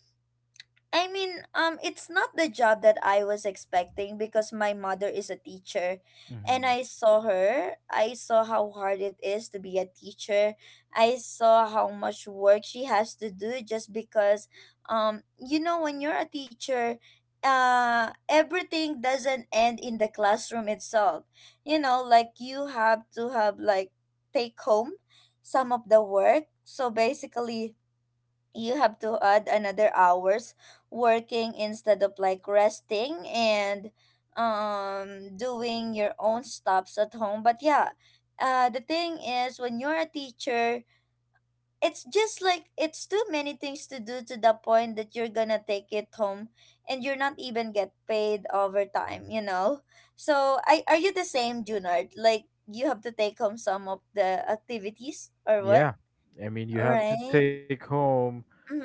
[SPEAKER 1] I mean, it's not the job that I was expecting because my mother is a teacher, and
[SPEAKER 2] Mm-hmm.
[SPEAKER 1] I saw her. I saw how hard it is to be a teacher. I saw how much work she has to do just because, you know, when you're a teacher, everything doesn't end in the classroom itself. You know, like you have to have like take home some of the work. So basically, you have to add another hours working instead of like resting and doing your own stops at home. But yeah, the thing is when you're a teacher, it's just like it's too many things to do to the point that you're gonna take it home, and you're not even get paid overtime, you know? So I are you the same, Junard, like you have to take home some of the activities or what?
[SPEAKER 2] Yeah. I mean, you have to
[SPEAKER 1] Right.
[SPEAKER 2] take home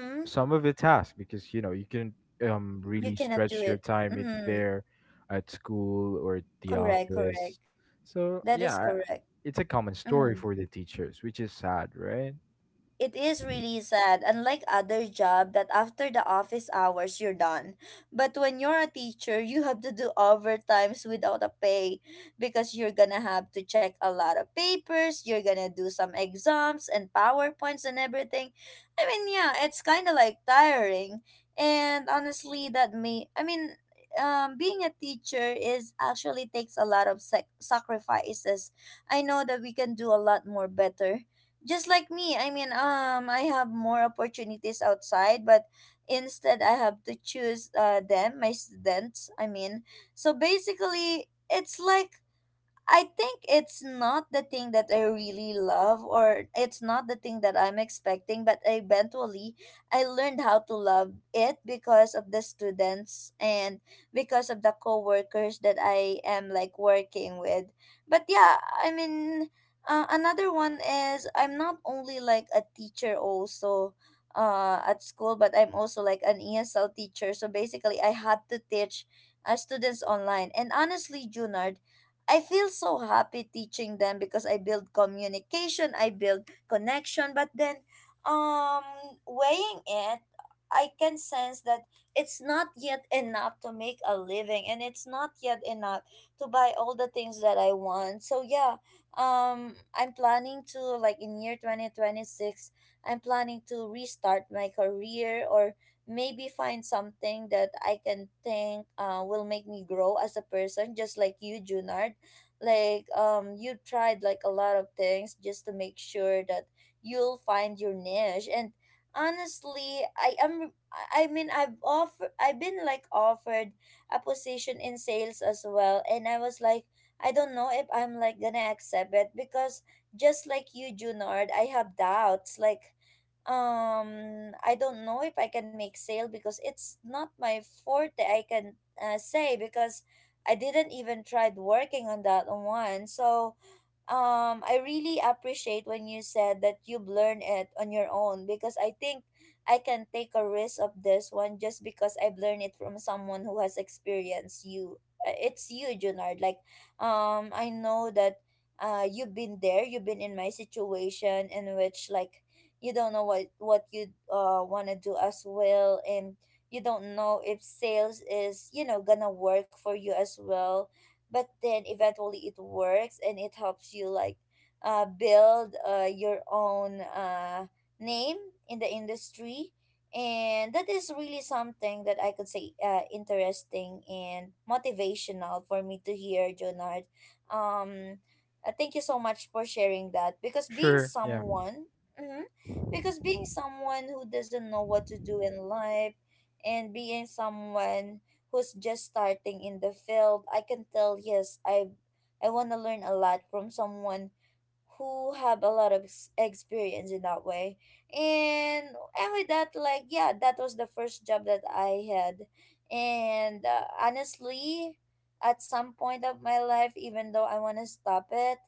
[SPEAKER 2] some of the task because, you know, you can
[SPEAKER 1] You
[SPEAKER 2] really
[SPEAKER 1] cannot do
[SPEAKER 2] stretch your
[SPEAKER 1] it.
[SPEAKER 2] time it
[SPEAKER 1] Mm,
[SPEAKER 2] there at school or at the
[SPEAKER 1] correct, correct.
[SPEAKER 2] office. So,
[SPEAKER 1] That is
[SPEAKER 2] yeah,
[SPEAKER 1] correct.
[SPEAKER 2] it's a common
[SPEAKER 1] Mm-hmm.
[SPEAKER 2] story for the teachers, which is sad, right?
[SPEAKER 1] It is really sad, unlike other job that after the office hours you're done. But when you're a teacher, you have to do overtimes without a pay because you're gonna have to check a lot of papers, you're gonna do some exams and PowerPoints and everything. I mean, yeah, it's kind of like tiring. And honestly, that may I mean, being a teacher is actually takes a lot of sacrifices. I know that we can do a lot more better, just like me. I mean, I have more opportunities outside, but instead I have to choose them my students. I mean, so basically it's like I think it's not the thing that I really love, or it's not the thing that I'm expecting, but eventually I learned how to love it because of the students and because of the coworkers that I am like working with. But yeah, I mean, another one is I'm not only like a teacher, also. At school, but I'm also like an ESL teacher. So basically, I had to teach students online. And honestly, Junard, I feel so happy teaching them because I build communication, I build connection, but then um weighing it, I can sense that it's not yet enough to make a living, and it's not yet enough to buy all the things that I want. So yeah, I'm planning to like in year 2026, I'm planning to restart my career or maybe find something that I can think will make me grow as a person, just like you, Junard. Like you tried like a lot of things just to make sure that you'll find your niche. And honestly, I mean, I've been like offered a position in sales as well, and I was like, I don't know if I'm like gonna accept it because just like you, Junard, I have doubts. Like I don't know if I can make sale because it's not my forte, I can say, because I didn't even tried working on that one. So, I really appreciate when you said that you've learned it on your own, because I think I can take a risk of this one just because I've learned it from someone who has experienced you. It's you, Junard. Like, I know that you've been there, you've been in my situation in which like you don't know what you wanna do as well, and you don't know if sales is, you know, gonna work for you as well, but then eventually it works and it helps you like build your own name in the industry. And that is really something that I could say interesting and motivational for me to hear, Jonard. um, Thank you so much for sharing that, because being
[SPEAKER 2] Sure. Yeah.
[SPEAKER 1] someone mhm, because being someone who doesn't know what to do in life and being someone who's just starting in the field, I can tell, yes, I want to learn a lot from someone who have a lot of experience in that way. and and with that, like yeah, that was the first job that I had. And honestly, at some point of my life, even though I want to stop it,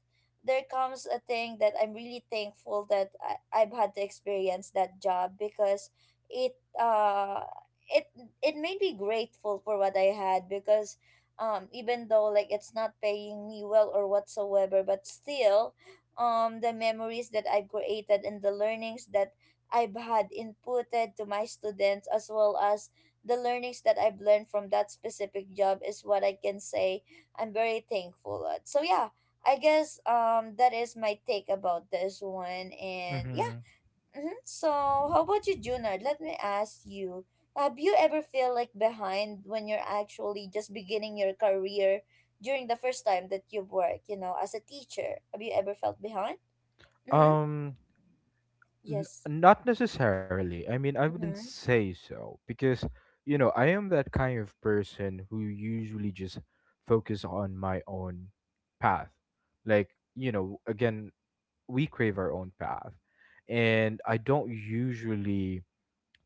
[SPEAKER 1] there comes a thing that I'm really thankful that I've had to experience that job, because it uh it it made me grateful for what I had, because even though like it's not paying me well or whatsoever, but still the memories that I've created and the learnings that I've had inputted to my students, as well as the learnings that I've learned from that specific job, is what I can say I'm very thankful at. So yeah, I guess that is my take about this one, and yeah.
[SPEAKER 2] Mm-hmm.
[SPEAKER 1] Mm-hmm. So how about you, Junard? Let me ask you. Have you ever feel like behind when you're actually just beginning your career during the first time that you work, you know, as a teacher? Have you ever felt behind? Mm-hmm.
[SPEAKER 2] Um,
[SPEAKER 1] Yes.
[SPEAKER 2] not necessarily. I mean, I wouldn't
[SPEAKER 1] Mm-hmm.
[SPEAKER 2] say so, because, you know, I am that kind of person who usually just focus on my own path. Like, you know, again, we crave our own path. And I don't usually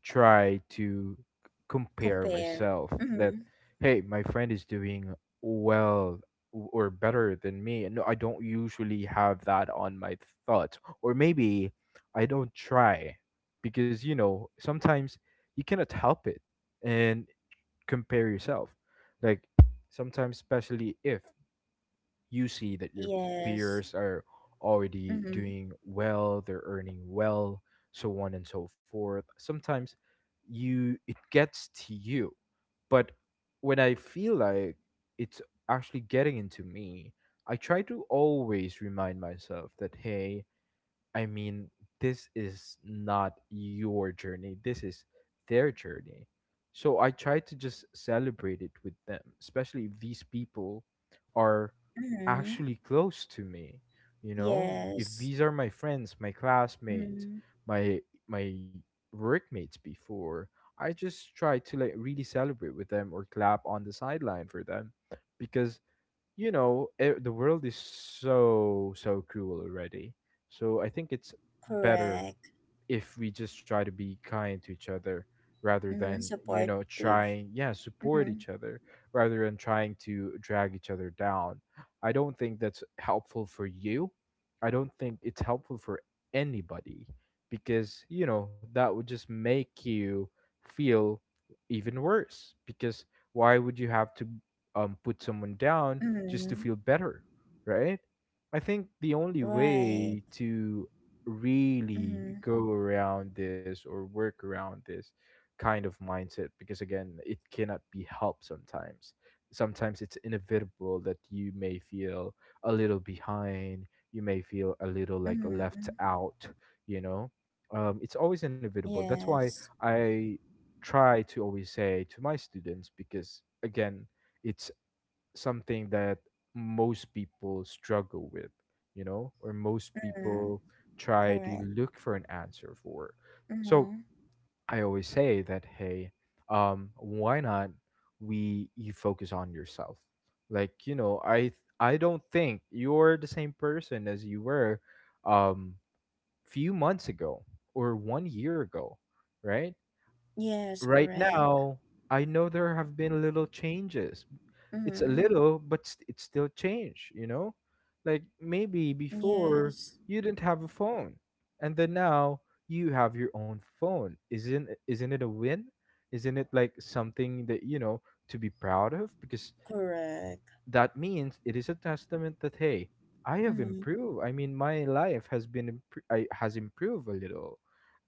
[SPEAKER 2] try to compare
[SPEAKER 1] Compare.
[SPEAKER 2] myself that,
[SPEAKER 1] Mm-hmm.
[SPEAKER 2] hey, my friend is doing well or better than me. No, I don't usually have that on my thoughts, or maybe I don't try, because you know sometimes you cannot help it and compare yourself. Like sometimes, especially if you see that your
[SPEAKER 1] Yes.
[SPEAKER 2] peers are already
[SPEAKER 1] Mm-hmm.
[SPEAKER 2] doing well, they're earning well, so on and so forth. Sometimes you it gets to you. But when I feel like it's actually getting into me, I try to always remind myself that, hey, I mean, this is not your journey. This is their journey. So I try to just celebrate it with them, especially if these people are
[SPEAKER 1] Mm-hmm.
[SPEAKER 2] actually close to me. You know, if
[SPEAKER 1] Yes.
[SPEAKER 2] these are my friends, my classmates,
[SPEAKER 1] Mm-hmm.
[SPEAKER 2] my my workmates before, I just try to like really celebrate with them or clap on the sideline for them because you know it, the world is so cruel already, so I think it's better
[SPEAKER 1] Correct.
[SPEAKER 2] if we just try to be kind to each other rather
[SPEAKER 1] Mm-hmm.
[SPEAKER 2] than
[SPEAKER 1] Supportive.
[SPEAKER 2] trying, yeah, support
[SPEAKER 1] Mm-hmm.
[SPEAKER 2] each other rather than trying to drag each other down. I don't think that's helpful for you, I don't think it's helpful for anybody, because you know that would just make you feel even worse. Because why would you have to put someone down just to
[SPEAKER 1] Mm-hmm.
[SPEAKER 2] feel better, right? I think the only
[SPEAKER 1] Right.
[SPEAKER 2] way to really
[SPEAKER 1] Mm-hmm.
[SPEAKER 2] go around this or work around this kind of mindset, because again, it cannot be helped sometimes. Sometimes it's inevitable that you may feel a little behind, you may feel a little like left
[SPEAKER 1] Mm-hmm.
[SPEAKER 2] out, you know? It's always inevitable. That's why
[SPEAKER 1] Yes.
[SPEAKER 2] I try to always say to my students, because again it's something that most people struggle with, you know, or most
[SPEAKER 1] Mm-hmm.
[SPEAKER 2] people try to
[SPEAKER 1] Correct.
[SPEAKER 2] look for an answer for. So
[SPEAKER 1] Mm-hmm.
[SPEAKER 2] I always say that, hey, um, why not we you focus on yourself? Like, you know, I don't think you're the same person as you were um few months ago or 1 year ago, right?
[SPEAKER 1] Yes,
[SPEAKER 2] Right
[SPEAKER 1] correct.
[SPEAKER 2] now, I know there have been little changes. It's a
[SPEAKER 1] Mm-hmm.
[SPEAKER 2] little, but it's still change, you know? Like maybe before
[SPEAKER 1] Yes.
[SPEAKER 2] you didn't have a phone, and then now you have your own phone. Isn't it a win? Isn't it like something that, you know, to be proud of? Because
[SPEAKER 1] Correct.
[SPEAKER 2] that means it is a testament that, hey, I have
[SPEAKER 1] Mm-hmm.
[SPEAKER 2] improved. I mean, my life has been has improved a little.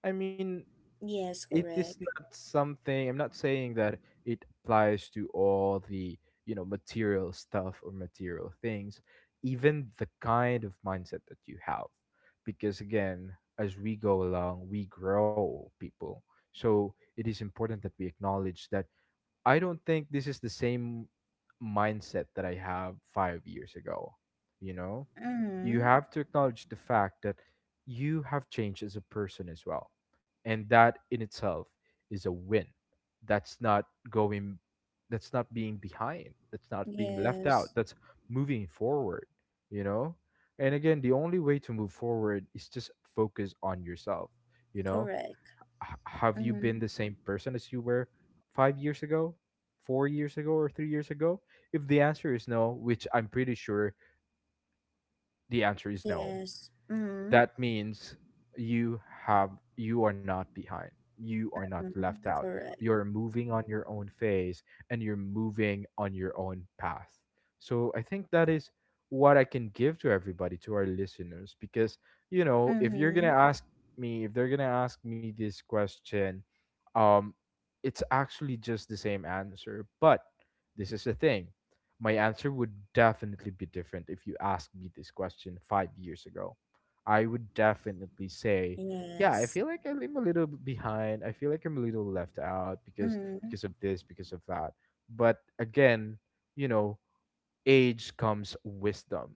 [SPEAKER 2] I mean,
[SPEAKER 1] Yes,
[SPEAKER 2] it is
[SPEAKER 1] correct.
[SPEAKER 2] not something, I'm not saying that it applies to all the, you know, material stuff or material things. Even the kind of mindset that you have, because again, as we go along, we grow people. So it is important that we acknowledge that. I don't think this is the same mindset that I have 5 years ago. You know, you
[SPEAKER 1] Mm-hmm.
[SPEAKER 2] have to acknowledge the fact that you have changed as a person as well. And that in itself is a win. That's not going, that's not being behind, that's not being left out,
[SPEAKER 1] Yes.
[SPEAKER 2] that's moving forward, you know? And again, the only way to move forward is just focus on yourself. You know,
[SPEAKER 1] Correct.
[SPEAKER 2] have you been
[SPEAKER 1] Mm-hmm.
[SPEAKER 2] the same person as you were 5 years ago, 4 years ago, or 3 years ago? If the answer is no, which I'm pretty sure the answer is no,
[SPEAKER 1] Yes. Mm-hmm.
[SPEAKER 2] that means you have you are not behind, you are not
[SPEAKER 1] Mhm.
[SPEAKER 2] left out,
[SPEAKER 1] Correct.
[SPEAKER 2] you're moving on your own phase and you're moving on your own path. So I think that is what I can give to everybody, to our listeners, because you know if you're gonna
[SPEAKER 1] Mhm.
[SPEAKER 2] ask me, if they're gonna ask me this question, um, it's actually just the same answer. But this is the thing, my answer would definitely be different if you asked me this question 5 years ago. I would definitely say, yeah, I
[SPEAKER 1] Yes.
[SPEAKER 2] feel like I'm a little behind. I feel like I'm a little left out
[SPEAKER 1] Mhm.
[SPEAKER 2] because of this, because of that. But again, you know, age comes wisdom.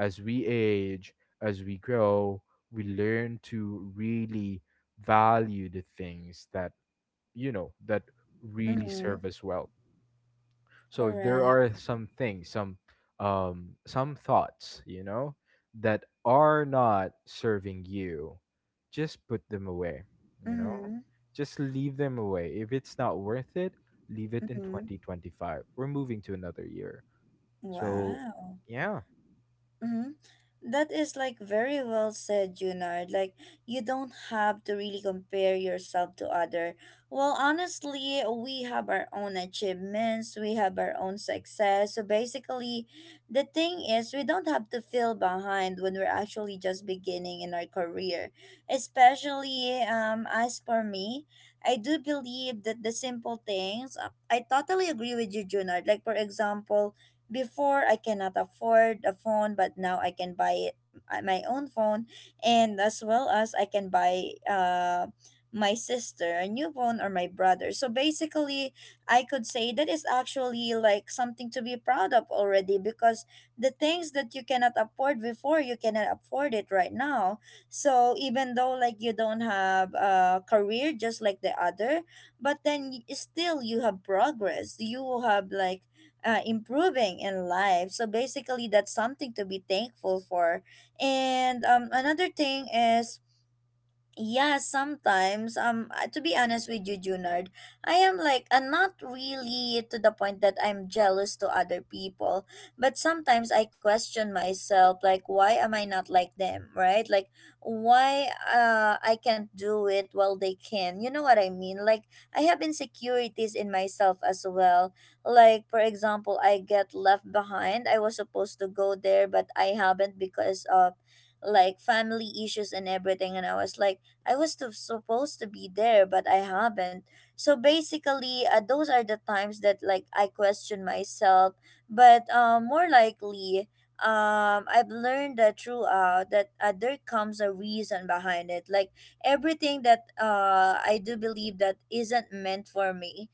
[SPEAKER 2] As we age, as we grow, we learn to really value the things that, you know, that really
[SPEAKER 1] Mhm.
[SPEAKER 2] serve us well. So if there are
[SPEAKER 1] Correct.
[SPEAKER 2] some things, some thoughts, you know, that are not serving you, just put them away, you know?
[SPEAKER 1] Mhm.
[SPEAKER 2] Just leave them away. If it's not worth it, leave it in
[SPEAKER 1] Mhm.
[SPEAKER 2] 2025. We're moving to another year. So,
[SPEAKER 1] Wow.
[SPEAKER 2] yeah.
[SPEAKER 1] Mm-hmm. That is like very well said, Junard. Like you don't have to really compare yourself to other. Well, honestly, we have our own achievements, we have our own success. So basically, the thing is we don't have to feel behind when we're actually just beginning in our career. Especially as for me, I do believe that the simple things I totally agree with you, Junard. Like for example, before I cannot afford a phone, but now I can buy it my own phone, and as well as I can buy my sister a new phone or my brother. So basically, I could say that is actually like something to be proud of already, because the things that you cannot afford before, you cannot afford it right now. So even though like you don't have a career just like the other, but then still you have progress. You have like improving in life. So basically, that's something to be thankful for. And another thing is yeah, sometimes. To be honest with you, Junard, I am like not really to the point that I'm jealous to other people, but sometimes I question myself, like, why am I not like them, right? Like, why I can't do it while they can. You know what I mean? Like, I have insecurities in myself as well. Like, for example, I get left behind. I was supposed to go there, but I haven't because of like family issues and everything, and I was like I was to, supposed to be there, but I haven't. So basically, those are the times that like I question myself. But more likely, I've learned that throughout that there comes a reason behind it. Like everything that I do believe that isn't meant for me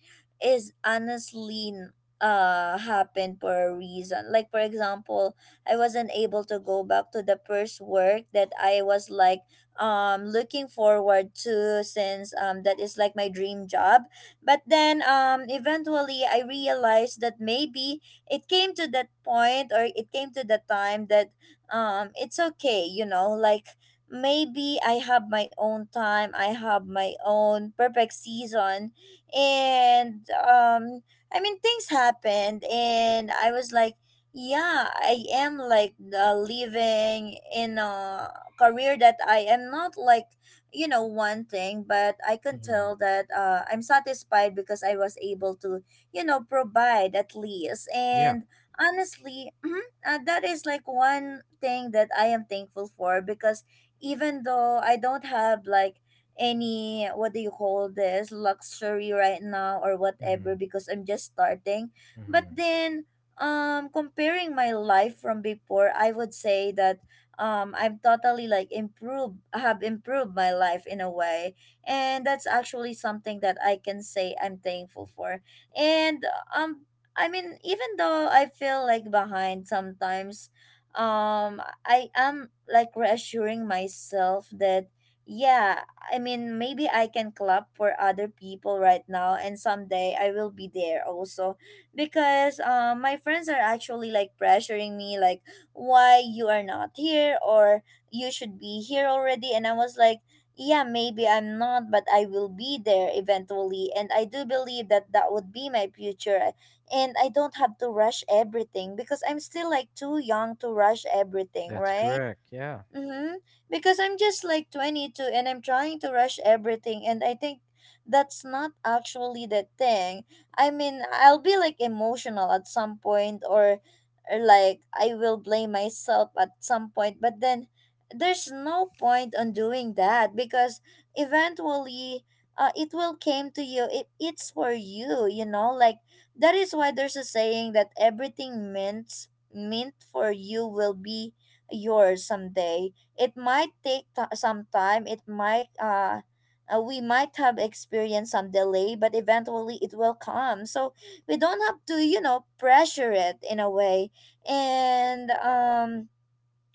[SPEAKER 1] is honestly happened for a reason. Like for example, I wasn't able to go back to the first work that I was like looking forward to, since that is like my dream job. But then eventually I realized that maybe it came to that point, or it came to the time that it's okay, you know? Like maybe I have my own time, I have my own perfect season. And I mean, things happened and I was like yeah, I am like living in a career that I am not like, you know, one thing, but I can
[SPEAKER 2] Hmm.
[SPEAKER 1] tell that I'm satisfied because I was able to, you know, provide at least.
[SPEAKER 2] Yeah.
[SPEAKER 1] And honestly, mhm, that is like one thing that I am thankful for. Because even though I don't have like any, what do you call this, luxury right now or whatever,
[SPEAKER 2] Hmm.
[SPEAKER 1] because I'm just starting, but
[SPEAKER 2] Hmm.
[SPEAKER 1] then comparing my life from before, I would say that I've totally like improved my life in a way, and that's actually something that I can say I'm thankful for. And um I mean, even though I feel like behind sometimes, I am like reassuring myself that yeah, I mean maybe I can clap for other people right now and someday I will be there also. Because my friends are actually like pressuring me like, why you are not here, or you should be here already. And I was like yeah, maybe I'm not, but I will be there eventually, and I do believe that that would be my future. And I don't have to rush everything because I'm still like too young to rush everything,
[SPEAKER 2] That's
[SPEAKER 1] right?
[SPEAKER 2] correct. Yeah.
[SPEAKER 1] Mm-hmm. Because I'm just like 22 and I'm trying to rush everything, and I think that's not actually the thing. I mean, I'll be like emotional at some point, or like I will blame myself at some point, but then there's no point on doing that because eventually it will came to you. It's for you, you know? Like that is why there's a saying that everything meant for you will be yours someday. It might take some time. It might we might have experienced some delay, but eventually it will come. So we don't have to, you know, pressure it in a way. And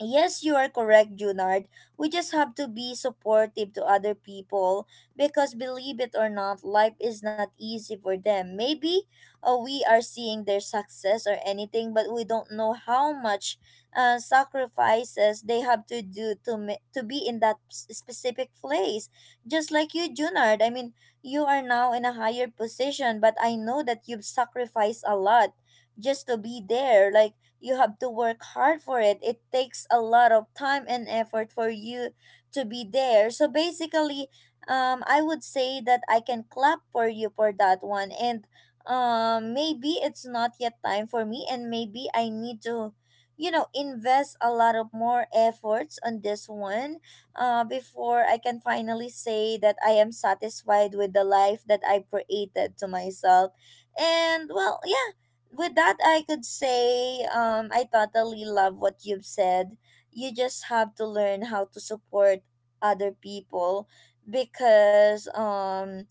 [SPEAKER 1] yes, you are correct, Junard. We just have to be supportive to other people, because believe it or not, life is not easy for them. Maybe we are seeing their success or anything, but we don't know how much sacrifices they have to do to to be in that specific place. Just like you, Junard. I mean, you are now in a higher position, but I know that you've sacrificed a lot just to be there. Like you have to work hard for it. It takes a lot of time and effort for you to be there. So basically, I would say that I can clap for you for that one. And maybe it's not yet time for me, and maybe I need to, you know, invest a lot of more efforts on this one before I can finally say that I am satisfied with the life that I created to myself. And well, yeah, with that I could say I totally love what you've said. You just have to learn how to support other people, because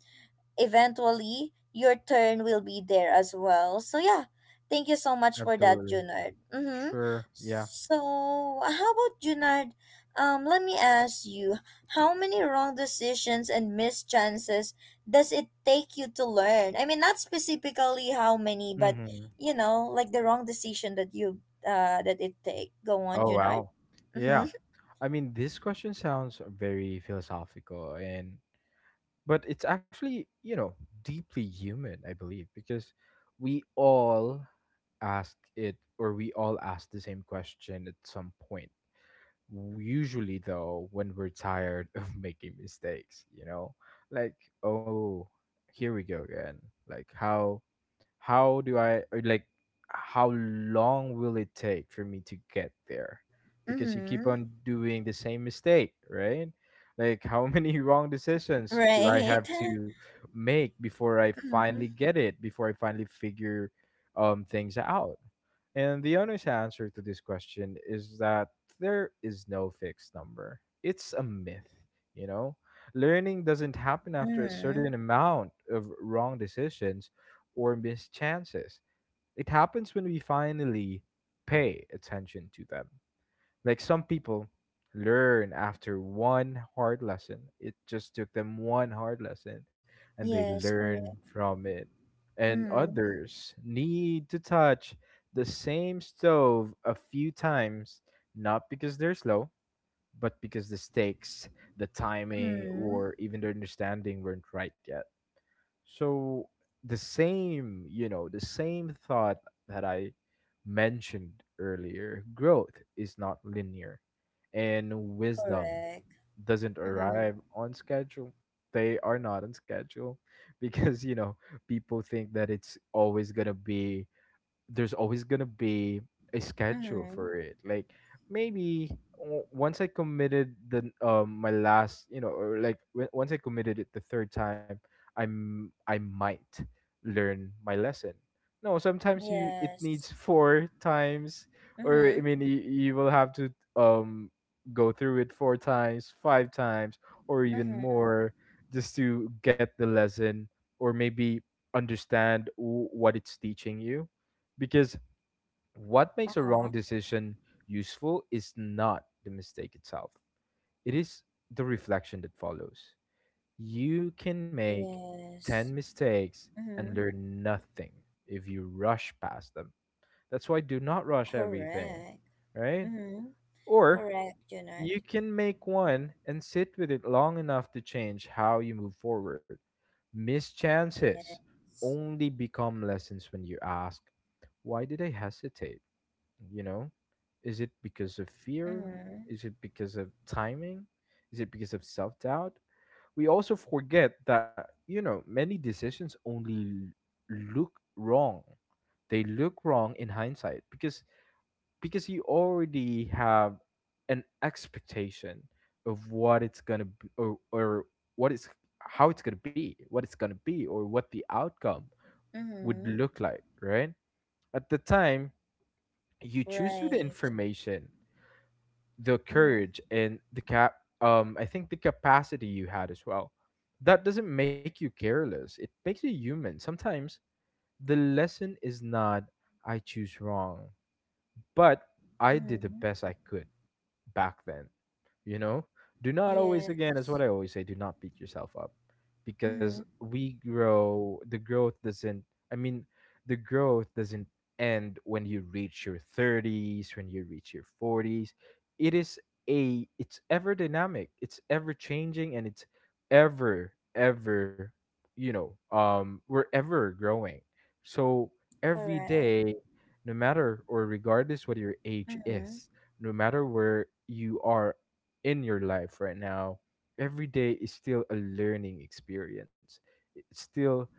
[SPEAKER 1] eventually your turn will be there as well. So yeah, thank you so much for that,
[SPEAKER 2] Absolutely.
[SPEAKER 1] Junard. Mm-hmm.
[SPEAKER 2] Sure. Yeah.
[SPEAKER 1] So how about Junard? Let me ask you, how many wrong decisions and missed chances does it take you to learn? I mean, not specifically how many, but
[SPEAKER 2] Hmm.
[SPEAKER 1] you know, like the wrong decision that you that it take. Go on,
[SPEAKER 2] Oh
[SPEAKER 1] Junard.
[SPEAKER 2] wow. Yeah.
[SPEAKER 1] Mm-hmm.
[SPEAKER 2] I mean, this question sounds very philosophical, and but it's actually, you know, deeply human, I believe, because we all ask it, or we all ask the same question at some point. Usually though, when we're tired of making mistakes, you know, like, oh, here we go again. Like how do I, or like, how long will it take for me to get there? Because you keep
[SPEAKER 1] Mm-hmm.
[SPEAKER 2] on doing the same mistake, right? Like how many wrong decisions do I
[SPEAKER 1] Right.
[SPEAKER 2] have to make before I finally
[SPEAKER 1] Mm-hmm.
[SPEAKER 2] get it, before I finally figure things out? And the honest answer to this question is that there is no fixed number. It's a myth, you know? Learning doesn't happen after a
[SPEAKER 1] Mm-hmm.
[SPEAKER 2] certain amount of wrong decisions or missed chances. It happens when we finally pay attention to them. Like some people learn after one hard lesson, it just took them one hard lesson and they
[SPEAKER 1] Yes,
[SPEAKER 2] learn
[SPEAKER 1] correct.
[SPEAKER 2] from it. And
[SPEAKER 1] Mm-hmm.
[SPEAKER 2] others need to touch the same stove a few times, not because they're slow, but because the stakes, the timing,
[SPEAKER 1] Mhm.
[SPEAKER 2] or even the understanding weren't right yet. So the same, you know, the same thought that I mentioned earlier, growth is not linear and wisdom
[SPEAKER 1] Correct.
[SPEAKER 2] doesn't
[SPEAKER 1] Mhm.
[SPEAKER 2] arrive on schedule. They are not on schedule because, you know, people think that it's always going to be, there's always gonna be a schedule
[SPEAKER 1] Mhm.
[SPEAKER 2] for it. Like maybe once I committed the my last, you know, or like once I committed it the third time, I might learn my lesson. No, sometimes you it
[SPEAKER 1] Yes.
[SPEAKER 2] needs four times, or I
[SPEAKER 1] Mhm.
[SPEAKER 2] mean, you will have to um go through it four times, five times, or even
[SPEAKER 1] Mhm.
[SPEAKER 2] more, just to get the lesson, or maybe understand what it's teaching you. Because what makes a
[SPEAKER 1] Uh-huh.
[SPEAKER 2] wrong decision useful is not the mistake itself, it is the reflection that follows. You can make 10
[SPEAKER 1] Yes.
[SPEAKER 2] mistakes and
[SPEAKER 1] Mhm.
[SPEAKER 2] learn nothing if you rush past them. That's why do not rush everything,
[SPEAKER 1] Correct.
[SPEAKER 2] right?
[SPEAKER 1] Mhm.
[SPEAKER 2] Or
[SPEAKER 1] Correct, Junard.
[SPEAKER 2] you can make one and sit with it long enough to change how you move forward. Missed chances
[SPEAKER 1] Yes.
[SPEAKER 2] only become lessons when you ask, why did I hesitate? You know, is it because of fear,
[SPEAKER 1] Mhm.
[SPEAKER 2] is it because of timing, is it because of self-doubt? We also forget that, you know, many decisions only look wrong, they look wrong in hindsight because you already have an expectation of what it's gonna be, or what it's, how it's gonna be, what it's gonna be, or what the outcome would
[SPEAKER 1] Mhm.
[SPEAKER 2] look like, right? At the time you choose with the
[SPEAKER 1] Right.
[SPEAKER 2] information, the
[SPEAKER 1] Mhm.
[SPEAKER 2] courage and the cap I think the capacity you had as well. That doesn't make you careless, it makes you human. Sometimes the lesson is not, I choose wrong, but I did the
[SPEAKER 1] Mhm.
[SPEAKER 2] best I could back then, you know. Do not, always again, that's
[SPEAKER 1] Yes.
[SPEAKER 2] what I always say, do not beat yourself up, because
[SPEAKER 1] Mhm.
[SPEAKER 2] we grow. I mean the growth doesn't end when you reach your 30s, when you reach your 40s. It is a, it's ever dynamic, it's ever changing, and it's ever ever, you know, um, we're ever growing. So every
[SPEAKER 1] Correct.
[SPEAKER 2] day, no matter, or regardless what your age
[SPEAKER 1] Mhm.
[SPEAKER 2] is, no matter where you are in your life right now, every day is still a learning experience. It's still,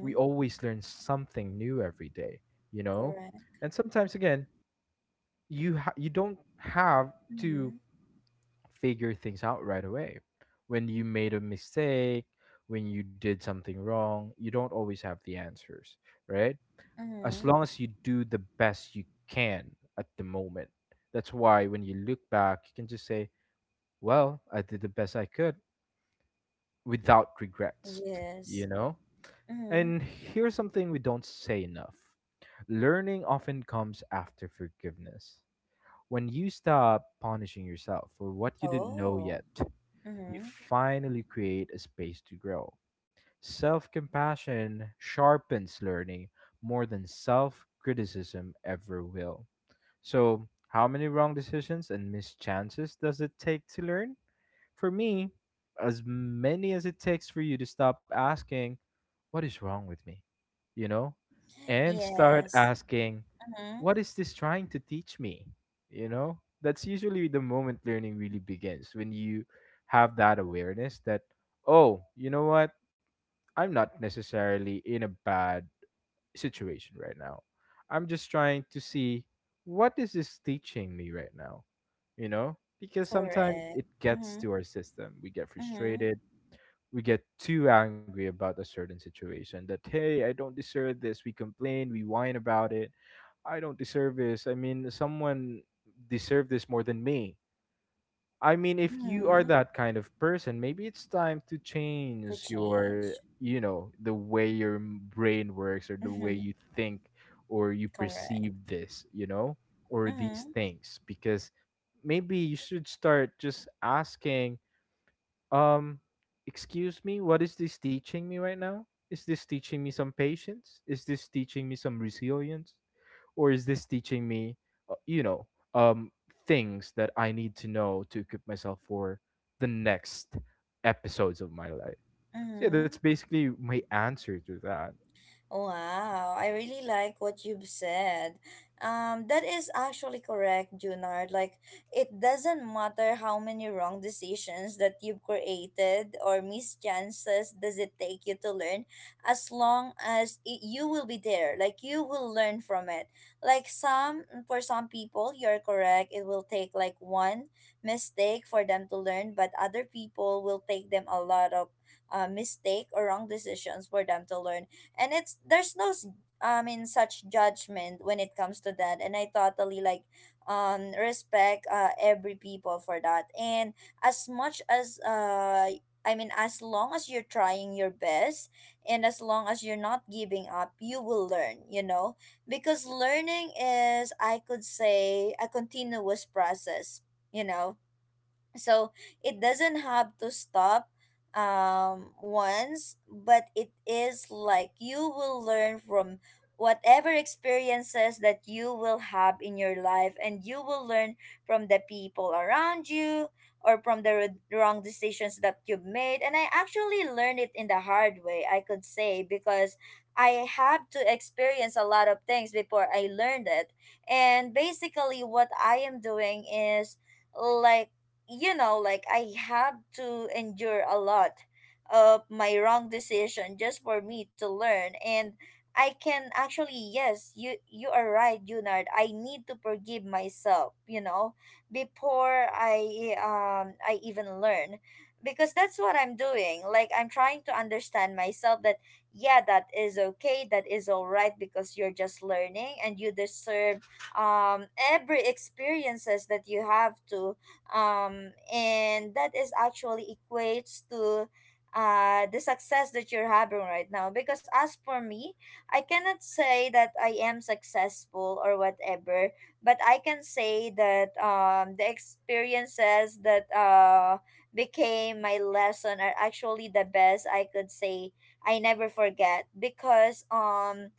[SPEAKER 2] we always learn something new every day, you know?
[SPEAKER 1] Correct.
[SPEAKER 2] And sometimes, again, you don't have to
[SPEAKER 1] Mhm.
[SPEAKER 2] figure things out right away. When you made a mistake, when you did something wrong, you don't always have the answers, right? As
[SPEAKER 1] Mhm.
[SPEAKER 2] long as you do the best you can at the moment. That's why when you look back, you can just say, well, I did the best I could, without regrets, you
[SPEAKER 1] Yes.
[SPEAKER 2] know? And
[SPEAKER 1] Mhm.
[SPEAKER 2] here's something we don't say enough: learning often comes after forgiveness. When you stop punishing yourself for what you didn't know
[SPEAKER 1] Oh.
[SPEAKER 2] yet, you
[SPEAKER 1] Mhm.
[SPEAKER 2] finally create a space to grow. Self compassion sharpens learning more than self criticism ever will. So, how many wrong decisions and missed chances does it take to learn? For me, as many as it takes for you to stop asking, what is wrong with me? You know? And start
[SPEAKER 1] Yes.
[SPEAKER 2] asking,
[SPEAKER 1] Mhm.
[SPEAKER 2] what is this trying to teach me? You know? That's usually the moment learning really begins, when you have that awareness that, oh, you know what? I'm not necessarily in a bad situation right now. I'm just trying to see, what is this teaching me right now? You know? Because sometimes
[SPEAKER 1] Correct.
[SPEAKER 2] it gets
[SPEAKER 1] Mhm.
[SPEAKER 2] to our system. We get
[SPEAKER 1] Mhm.
[SPEAKER 2] frustrated, we get too angry about a certain situation that, hey, I don't deserve this. We complain, we whine about it, I don't deserve this, I mean, someone deserved this more than me. I mean, if you are
[SPEAKER 1] Mhm.
[SPEAKER 2] that kind of person, maybe it's time to
[SPEAKER 1] To
[SPEAKER 2] change your,
[SPEAKER 1] change.
[SPEAKER 2] you know, the way your brain works, or the way
[SPEAKER 1] Mhm.
[SPEAKER 2] you think, or you
[SPEAKER 1] Correct.
[SPEAKER 2] perceive this, you know, or these
[SPEAKER 1] Mhm.
[SPEAKER 2] things. Because maybe you should start just asking, um, excuse me, what is this teaching me right now? Is this teaching me some patience? Is this teaching me some resilience? Or is this teaching me, you know, um, things that I need to know to equip myself for the next episodes of my life? So yeah, that's
[SPEAKER 1] Mhm.
[SPEAKER 2] basically my answer to that.
[SPEAKER 1] Wow, I really like what you've said. That is actually correct, Junard. Like, it doesn't matter how many wrong decisions that you've created or mischances does it take you to learn, as long as it, you will be there. Like, you will learn from it. Like, some, for some people, you're correct. It will take like one mistake for them to learn, but other people will take them a lot of mistake or wrong decisions for them to learn. And it's there's no I mean such judgment when it comes to that. And I totally like respect every people for that. And as much as I mean, as long as you're trying your best and as long as you're not giving up, you will learn, you know? Because learning is, I could say, a continuous process, you know? So it doesn't have to stop once, but it is like you will learn from whatever experiences that you will have in your life, and you will learn from the people around you, or from the wrong decisions that you've made. And I actually learned it in the hard way, I could say, because I have to experience a lot of things before I learned it. And basically what I am doing is like, you know, like I have to endure a lot of my wrong decision just for me to learn. And I can actually, yes, you are right, Junard. I need to forgive myself, you know, before I even learn. Because that's what I'm doing. Like I'm trying to understand myself that yeah, that is okay, that is all right, because you're just learning and you deserve every experiences that you have to and that is actually equates to the success that you're having right now. Because as for me, I cannot say that I am successful or whatever, but I can say that the experiences that became my lesson are actually the best, I could say, I never forget. Because um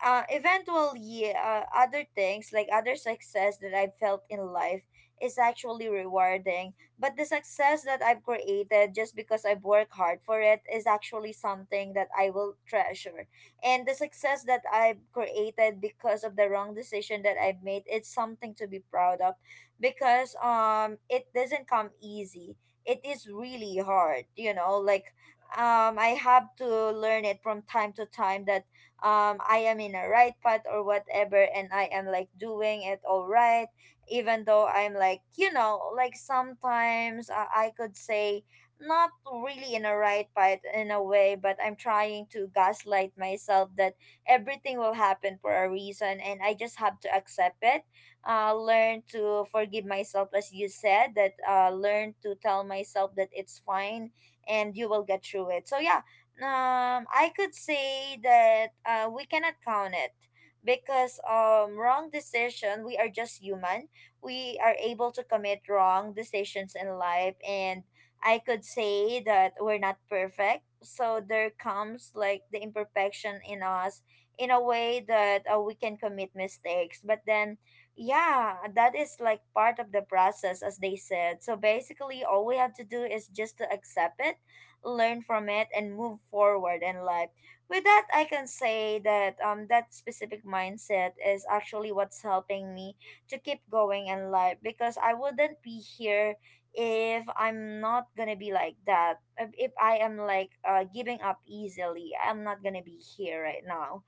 [SPEAKER 1] uh, eventually, other things like other success that I've felt in life is actually rewarding. But the success that I've created just because I've worked hard for it is actually something that I will treasure. And the success that I've created because of the wrong decision that I've made, it's something to be proud of, because it doesn't come easy. It is really hard, you know, like I have to learn it from time to time that I am in a right path or whatever, and I am like doing it all right, even though I'm like, you know, like sometimes I could say not really in a right path in a way, but I'm trying to gaslight myself that everything will happen for a reason, and I just have to accept it. Uh, learn to forgive myself, as you said, that learn to tell myself that it's fine and you will get through it. So yeah, I could say that we cannot count it, because wrong decision, we are just human. We are able to commit wrong decisions in life, and I could say that we're not perfect, so there comes like the imperfection in us, in a way that we can commit mistakes, but then yeah, that is like part of the process, as they said. So basically all we have to do is just to accept it, learn from it, and move forward in life. With that I can say that that specific mindset is actually what's helping me to keep going in life, because I wouldn't be here if I'm not gonna be like that. If I am like giving up easily, I'm not gonna be here right now.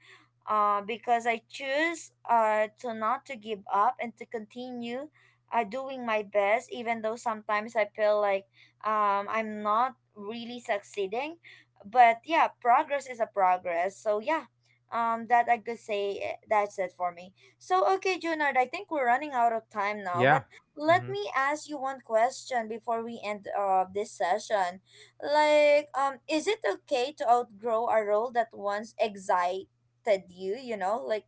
[SPEAKER 1] Because I choose to not to give up and to continue doing my best, even though sometimes I feel like I'm not really succeeding. But yeah, progress is a progress. So yeah, that I could say that's it for me. So okay, Junard, I think we're running out of time now.
[SPEAKER 2] Yeah.
[SPEAKER 1] But let
[SPEAKER 2] Mm-hmm.
[SPEAKER 1] me ask you one question before we end this session. Like, is it okay to outgrow a role that once exi affected you, you know, like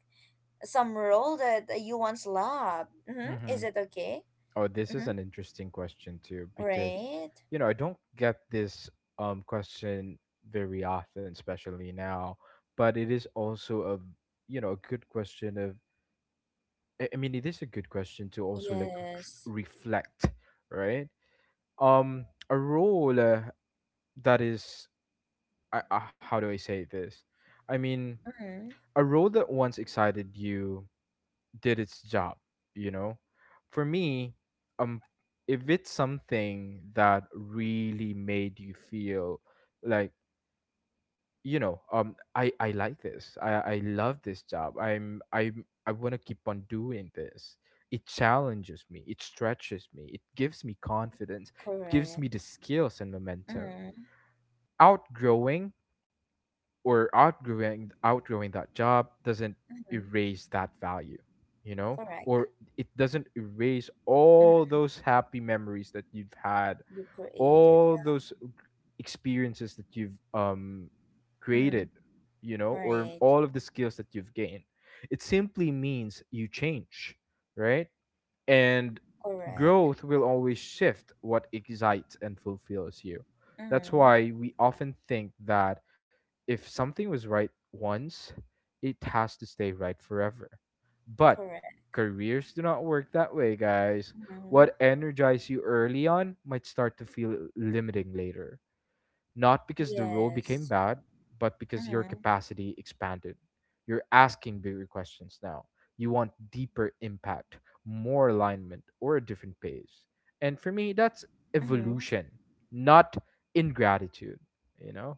[SPEAKER 1] some role that you once loved. Mm-hmm.
[SPEAKER 2] Mm-hmm.
[SPEAKER 1] Is it okay?
[SPEAKER 2] Oh, this is
[SPEAKER 1] Mm-hmm.
[SPEAKER 2] an interesting question too, because,
[SPEAKER 1] Right?
[SPEAKER 2] you know, I don't get this question very often, especially now, but it is also a, you know, a good question of, I mean, it is a good question to also like
[SPEAKER 1] Yes.
[SPEAKER 2] reflect, right? Um, a role, that is, I, how do I say this? I mean,
[SPEAKER 1] Mm-hmm.
[SPEAKER 2] a role that once excited you did its job, you know? For me, um, if it's something that really made you feel like, you know, um, I like this. I love this job. I want to keep on doing this. It challenges me. It stretches me. It gives me confidence. It gives
[SPEAKER 1] Correct.
[SPEAKER 2] me the skills and momentum.
[SPEAKER 1] Mm-hmm.
[SPEAKER 2] Outgrowing or outgrowing Outgrowing that job doesn't
[SPEAKER 1] Mm-hmm.
[SPEAKER 2] erase that value, you know,
[SPEAKER 1] Correct.
[SPEAKER 2] or it doesn't erase all
[SPEAKER 1] Mm-hmm.
[SPEAKER 2] those happy memories that you've had,
[SPEAKER 1] You created.
[SPEAKER 2] all those experiences that you've
[SPEAKER 1] Yeah.
[SPEAKER 2] created,
[SPEAKER 1] Mm-hmm.
[SPEAKER 2] you know, or
[SPEAKER 1] Right.
[SPEAKER 2] all of the skills that you've gained. It simply means you change, right? And
[SPEAKER 1] Correct.
[SPEAKER 2] growth will always shift what excites and fulfills you. That's
[SPEAKER 1] Mm-hmm.
[SPEAKER 2] why we often think that if something was right once, it has to stay right forever. But
[SPEAKER 1] Correct.
[SPEAKER 2] careers do not work that way, guys.
[SPEAKER 1] Mm-hmm.
[SPEAKER 2] What energized you early on might start to feel limiting later, not because the role became
[SPEAKER 1] Yes.
[SPEAKER 2] bad, but because your
[SPEAKER 1] Mm-hmm.
[SPEAKER 2] capacity expanded. You're asking bigger questions now. You want deeper impact, more alignment, or a different pace. And for me, that's
[SPEAKER 1] Mm-hmm.
[SPEAKER 2] evolution, not ingratitude, you know?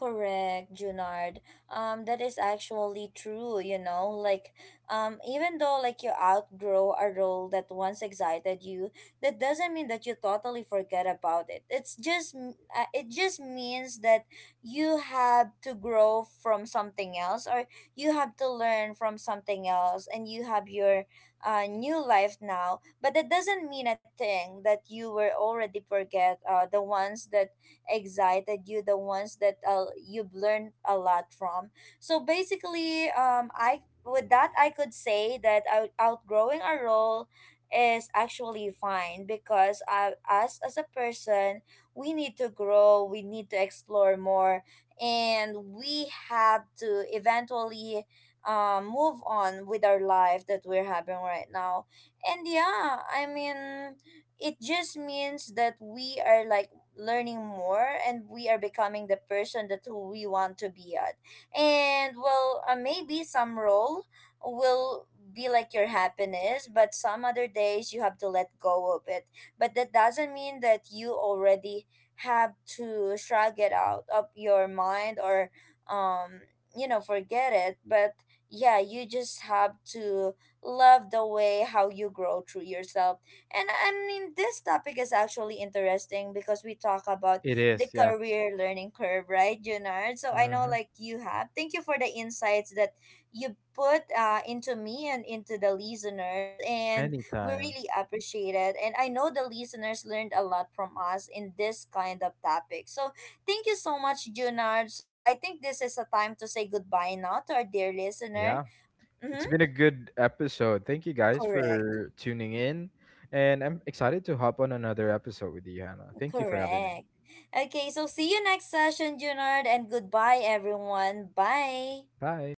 [SPEAKER 1] Correct, Junard. That is actually true, you know. Like, even though like you outgrow a role that once excited you, that doesn't mean that you totally forget about it. It's just it just means that you have to grow from something else, or you have to learn from something else, and you have your new life now. But that doesn't mean a thing that you were already forget the ones that excited you, the ones that you've learned a lot from. So basically, I with that I could say that outgrowing a role is actually fine, because I, us as a person, we need to grow, we need to explore more, and we have to eventually move on with our life that we're having right now. And yeah, I mean, it just means that we are like learning more, and we are becoming the person that who we want to be at. And well, maybe some role will be like your happiness, but some other days you have to let go of it. But that doesn't mean that you already have to shrug it out of your mind, or um you know, forget it. But yeah, you just have to love the way how you grow through yourself. And I mean, this topic is actually interesting because we talk about
[SPEAKER 2] It
[SPEAKER 1] the
[SPEAKER 2] is, yeah.
[SPEAKER 1] career learning curve, right, Junard? So I
[SPEAKER 2] Hmm.
[SPEAKER 1] know, like, you have. Thank you for the insights that you put into me and into the listeners. And we
[SPEAKER 2] Anytime.
[SPEAKER 1] really appreciate it. And I know the listeners learned a lot from us in this kind of topic. So thank you so much, Junard. So I think this is a time to say goodbye now to our dear listener.
[SPEAKER 2] Yeah, it's
[SPEAKER 1] Mm-hmm.
[SPEAKER 2] been a good episode. Thank you guys
[SPEAKER 1] Correct.
[SPEAKER 2] for tuning in. And I'm excited to hop on another episode with you, Hannah. Thank you for having me.
[SPEAKER 1] Correct. Okay, so see you next session, Junard, and goodbye, everyone. Bye.
[SPEAKER 2] Bye.